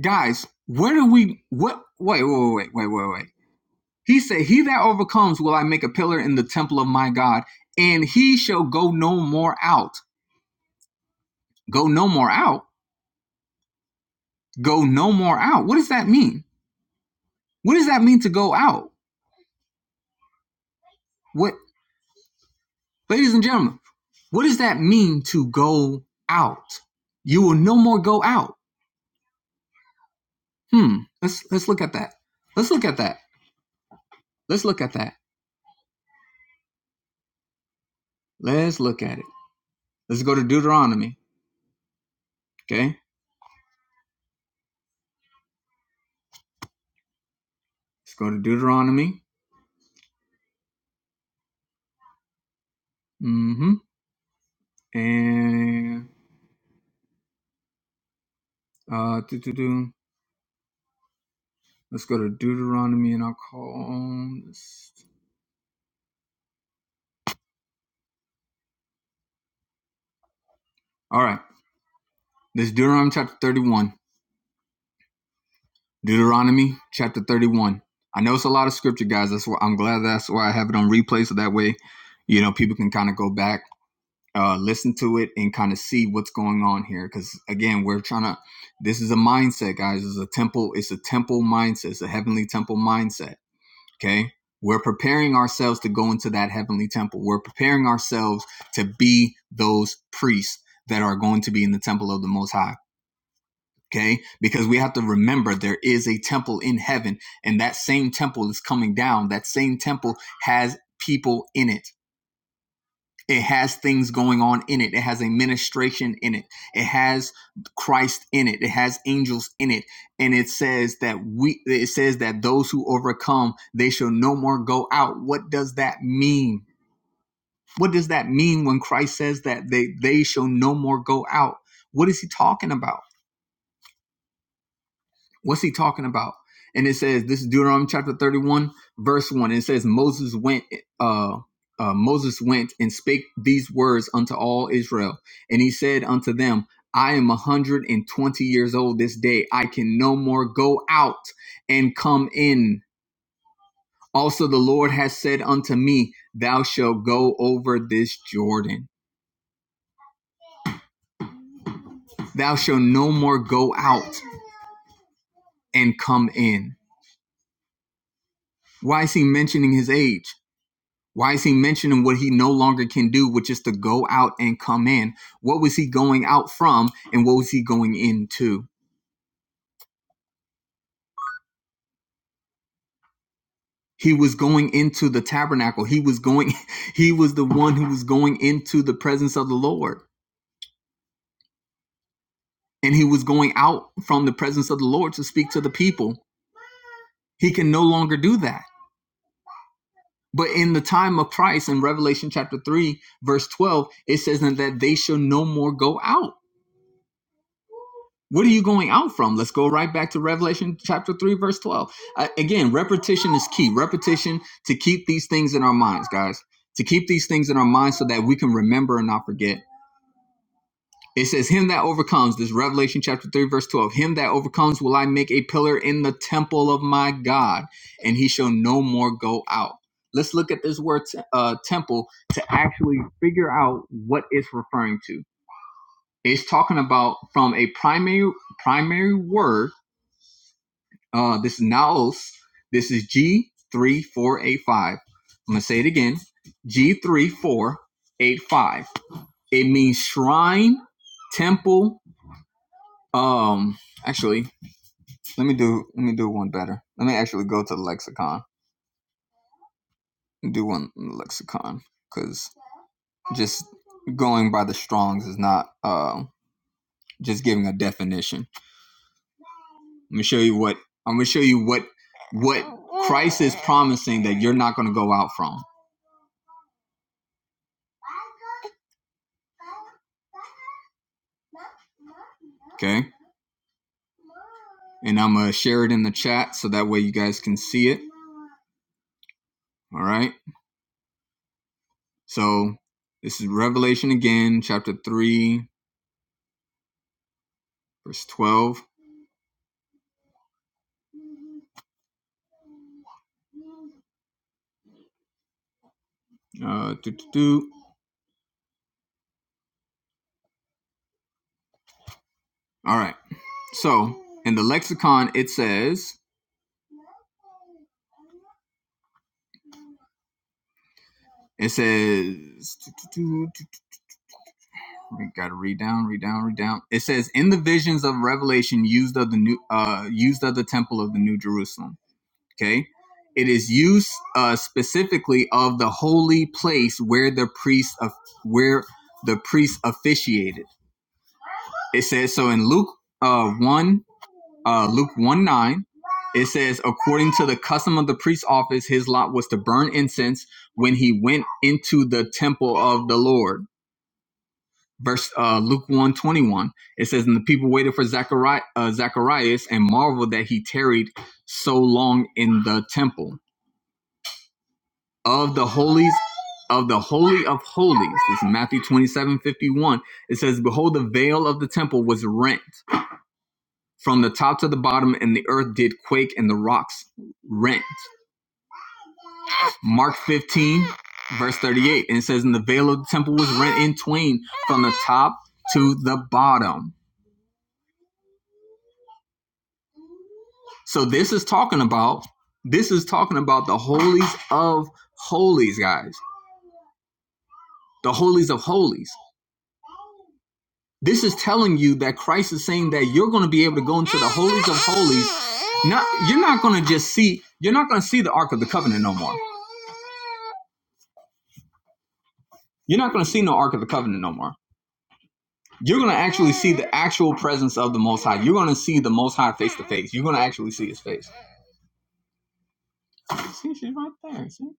A: guys? What do we? What? Wait, wait, wait, wait, wait, wait. He said, "He that overcomes will I make a pillar in the temple of my God, and he shall go no more out. Go no more out. Go no more out. What does that mean? What does that mean to go out? What, ladies and gentlemen? What does that mean to go out? You will no more go out Hmm. Let's let's look at that. Let's look at that. Let's look at that. Let's look at it. Let's go to Deuteronomy. Okay. Let's go to Deuteronomy. Mm-hmm. And uh do do do. Let's go to Deuteronomy and I'll call this. All right. This is Deuteronomy chapter 31. Deuteronomy chapter 31. I know it's a lot of scripture, guys. That's why I'm glad that's why I have it on replay so that way, you know, people can kind of go back uh, listen to it and kind of see what's going on here. Because again, we're trying to. This is a mindset, guys. It's a temple. It's a temple mindset. It's a heavenly temple mindset. Okay, we're preparing ourselves to go into that heavenly temple. We're preparing ourselves to be those priests that are going to be in the temple of the Most High. Okay, because we have to remember there is a temple in heaven, and that same temple is coming down. That same temple has people in it it has things going on in it. It has a ministration in it. It has Christ in it. It has angels in it. And it says that we it says that those who overcome, they shall no more go out. What does that mean? What does that mean when Christ says that they they shall no more go out? What is he talking about? What's he talking about? And it says this is Deuteronomy chapter 31, verse 1. It says Moses went uh uh, Moses went and spake these words unto all Israel, and he said unto them, I am a hundred and twenty years old this day. I can no more go out and come in. Also, the Lord has said unto me, Thou shalt go over this Jordan. Thou shalt no more go out and come in. Why is he mentioning his age? Why is he mentioning what he no longer can do, which is to go out and come in? What was he going out from and what was he going into? He was going into the tabernacle. He was going, he was the one who was going into the presence of the Lord. And he was going out from the presence of the Lord to speak to the people. He can no longer do that. But in the time of Christ, in Revelation chapter 3, verse 12, it says that they shall no more go out What are you going out from? Let's go right back to Revelation chapter 3, verse 12. Uh, again, repetition is key. Repetition to keep these things in our minds, guys, to keep these things in our minds so that we can remember and not forget. It says, Him that overcomes, this Revelation chapter 3, verse 12, him that overcomes will I make a pillar in the temple of my God, and he shall no more go out. Let's look at this word uh, temple to actually figure out what it's referring to. It's talking about from a primary primary word Uh, this is Naos. This is G3485. I'm going to say it again G3485. It means shrine, temple. Um, actually, let me do let me do one better. Let me actually go to the lexicon and do one in the lexicon because just going by the Strong's is not uh, just giving a definition. Let me show you what I'm going to show you what what Christ is promising that you're not going to go out from Okay. And I'm going to share it in the chat so that way you guys can see it. All right. So this is Revelation again, chapter 3, verse 12. Uh, doo, doo, doo. All right. So in the lexicon, it says, it says, we got to read down, read down, read down. It says, in the visions of Revelation used of the new, uh, used of the temple of the New Jerusalem. Okay. It is use uh, specifically of the holy place where the priest of where the priest officiated. It says so in Luke uh, one uh, Luke one nine. It says according to the custom of the priest's office, his lot was to burn incense when he went into the temple of the Lord. Verse uh, Luke one twenty one. It says and the people waited for Zachari- uh, Zacharias and marveled that he tarried so long in the temple of the holies of the holy of holies. This is Matthew 27 51. It says, Behold, the veil of the temple was rent from the top to the bottom, and the earth did quake and the rocks rent. Mark 15, verse 38. And it says, And the veil of the temple was rent in twain from the top to the bottom. So this is talking about this is talking about the holies of holies, guys. The holies of holies. This is telling you that Christ is saying that you're going to be able to go into the holies of holies. Not you're not going to just see you're not going to see the Ark of the Covenant no more. You're not going to see no Ark of the Covenant no more. You're going to actually see the actual presence of the Most High. You're going to see the Most High face to face. You're going to actually see His face. See, she's right there. See.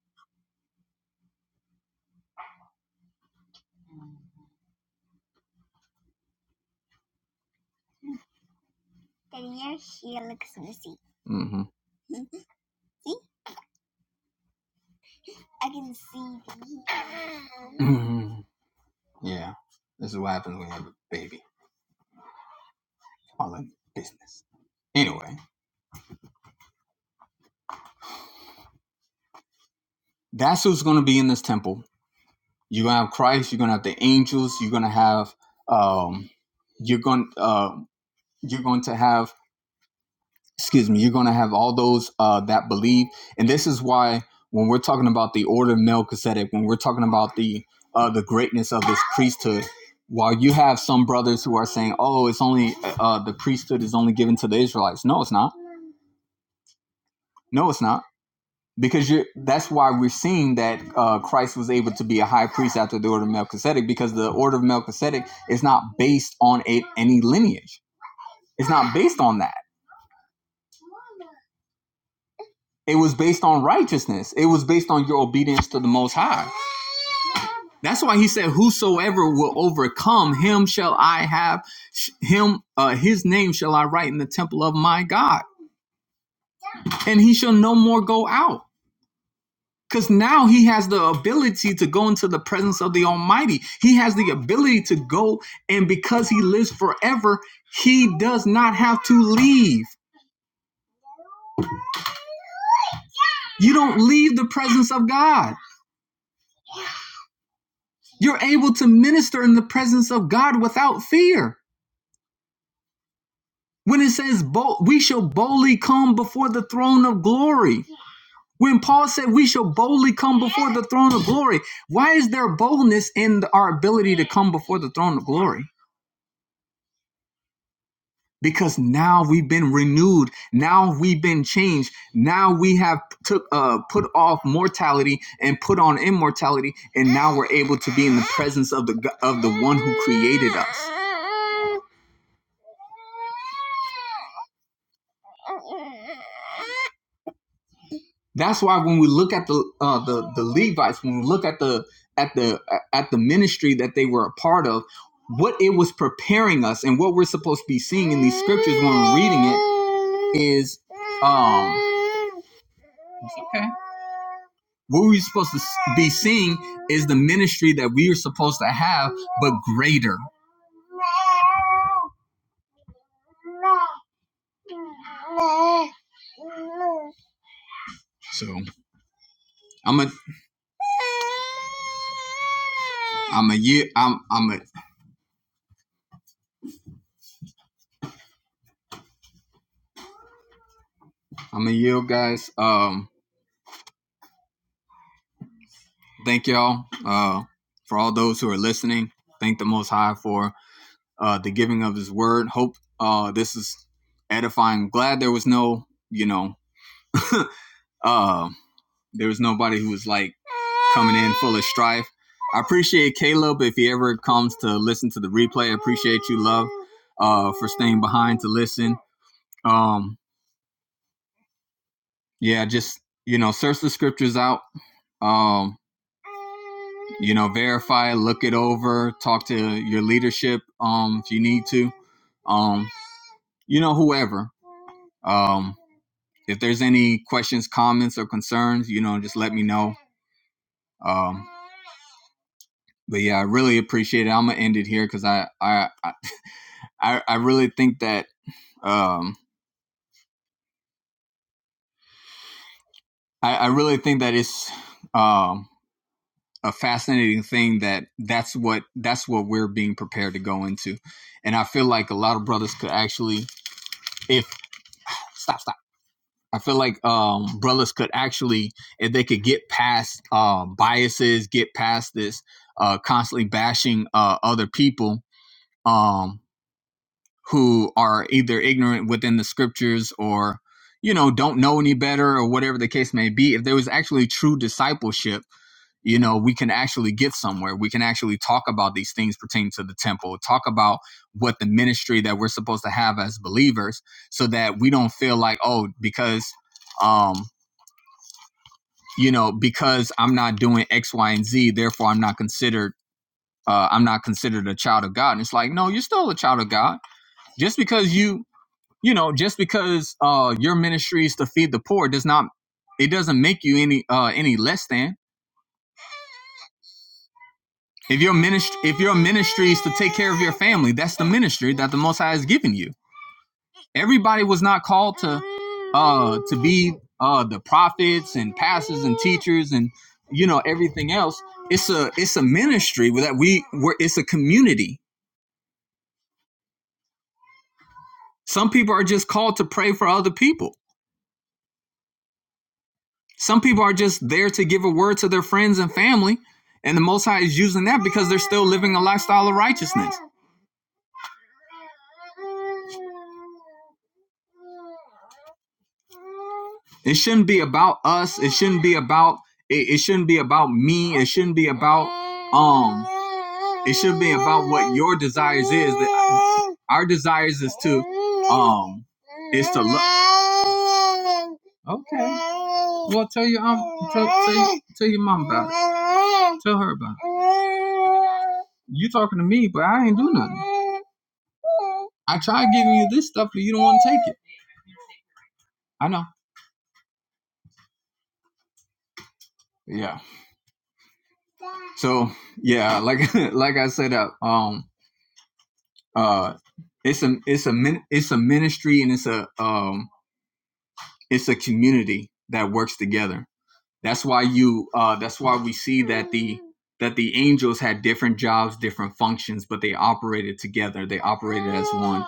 A: mm hmm mm hmm Yeah. This is what happens when you have a baby. All in business. Anyway, that's who's going to be in this temple. You're gonna have Christ. You're gonna have the angels. You're gonna have um, you're going uh, you're going to have excuse me. You're gonna have all those uh, that believe, and this is why when we're talking about the order of Melchizedek, when we're talking about the uh, the greatness of this priesthood, while you have some brothers who are saying, "Oh, it's only uh, the priesthood is only given to the Israelites," no, it's not. No, it's not because you're, that's why we're seeing that uh, Christ was able to be a high priest after the order of Melchizedek because the order of Melchizedek is not based on a, any lineage. It's not based on that. It was based on righteousness. It was based on your obedience to the Most High. That's why he said, "Whosoever will overcome him shall I have him uh, his name shall I write in the temple of my God, and he shall no more go out." Because now he has the ability to go into the presence of the Almighty. He has the ability to go, and because he lives forever, he does not have to leave. You don't leave the presence of God. You're able to minister in the presence of God without fear. When it says, we shall boldly come before the throne of glory. When Paul said, we shall boldly come before the throne of glory, why is there boldness in our ability to come before the throne of glory? because now we've been renewed now we've been changed now we have took uh, put off mortality and put on immortality and now we're able to be in the presence of the of the one who created us that's why when we look at the uh, the the levites when we look at the at the at the ministry that they were a part of what it was preparing us and what we're supposed to be seeing in these scriptures when we're reading it is um What we're supposed to be seeing is the ministry that we are supposed to have, greater. So I'm a I'm a ye- I'm I'm a I'm a yield, guys. Um, thank y'all uh, for all those who are listening. Thank the Most High for uh, the giving of His Word. Hope uh, this is edifying. Glad there was no you know uh, There was nobody who was like coming in full of strife. I appreciate Caleb if he ever comes to listen to the replay. I appreciate you, love, uh, for staying behind to listen. Um, yeah, just you know, search the scriptures out. Um, you know, verify, look it over, talk to your leadership um, if you need to. Um, you know, whoever. Um, if there's any questions, comments, or concerns, you know, just let me know. Um, but yeah, I really appreciate it. I'm gonna end it here because I, I I I, I really think that um, I, I really think that it's um, a fascinating thing that that's what that's what we're being prepared to go into, and I feel like a lot of brothers could actually if stop stop. I feel like um, brothers could actually if they could get past uh biases, get past this uh, constantly bashing uh, other people. Um, who are either ignorant within the scriptures or you know don't know any better or whatever the case may be if there was actually true discipleship you know we can actually get somewhere we can actually talk about these things pertaining to the temple talk about what the ministry that we're supposed to have as believers so that we don't feel like oh because um you know because i'm not doing x y and z therefore i'm not considered uh, i'm not considered a child of god and it's like no you're still a child of god just because you you know just because uh your ministry is to feed the poor does not it doesn't make you any uh any less than if your ministry if your ministry is to take care of your family that's the ministry that the most high has given you everybody was not called to uh to be uh the prophets and pastors and teachers and you know everything else it's a it's a ministry that we where it's a community some people are just called to pray for other people Some people are just there to give a word to their friends and family, and the Most High is using that because they're still living a lifestyle of righteousness. It shouldn't be about us. It shouldn't be about it, it shouldn't be about me. It shouldn't be about um it should be about what your desires is. That our desires is to um is to look Okay. Well tell your um tell tell, tell your mom about it. Tell her about it. You talking to me, but I ain't do nothing. I tried giving you this stuff, but you don't want to take it. I know. Yeah. So yeah, like like I said, uh, um, uh, it's a it's a min- it's a ministry and it's a um it's a community that works together. That's why you uh that's why we see that the that the angels had different jobs, different functions, but they operated together. They operated as one.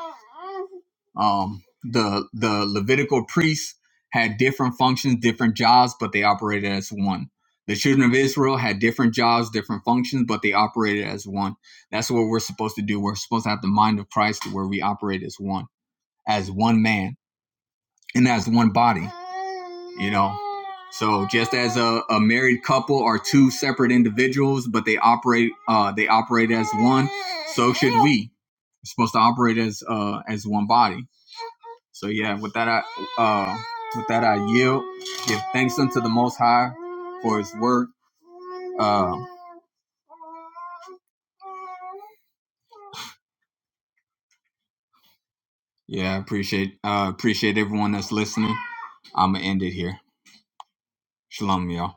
A: Um, the the Levitical priests had different functions, different jobs, but they operated as one. The children of Israel had different jobs, different functions, but they operated as one. That's what we're supposed to do. We're supposed to have the mind of Christ, where we operate as one, as one man, and as one body. You know. So just as a, a married couple are two separate individuals, but they operate uh, they operate as one, so should we. We're supposed to operate as uh, as one body so yeah, with that I uh with that I yield. Give thanks unto the most high for his work. Uh yeah, I appreciate uh appreciate everyone that's listening. I'ma end it here. Shalom, y'all.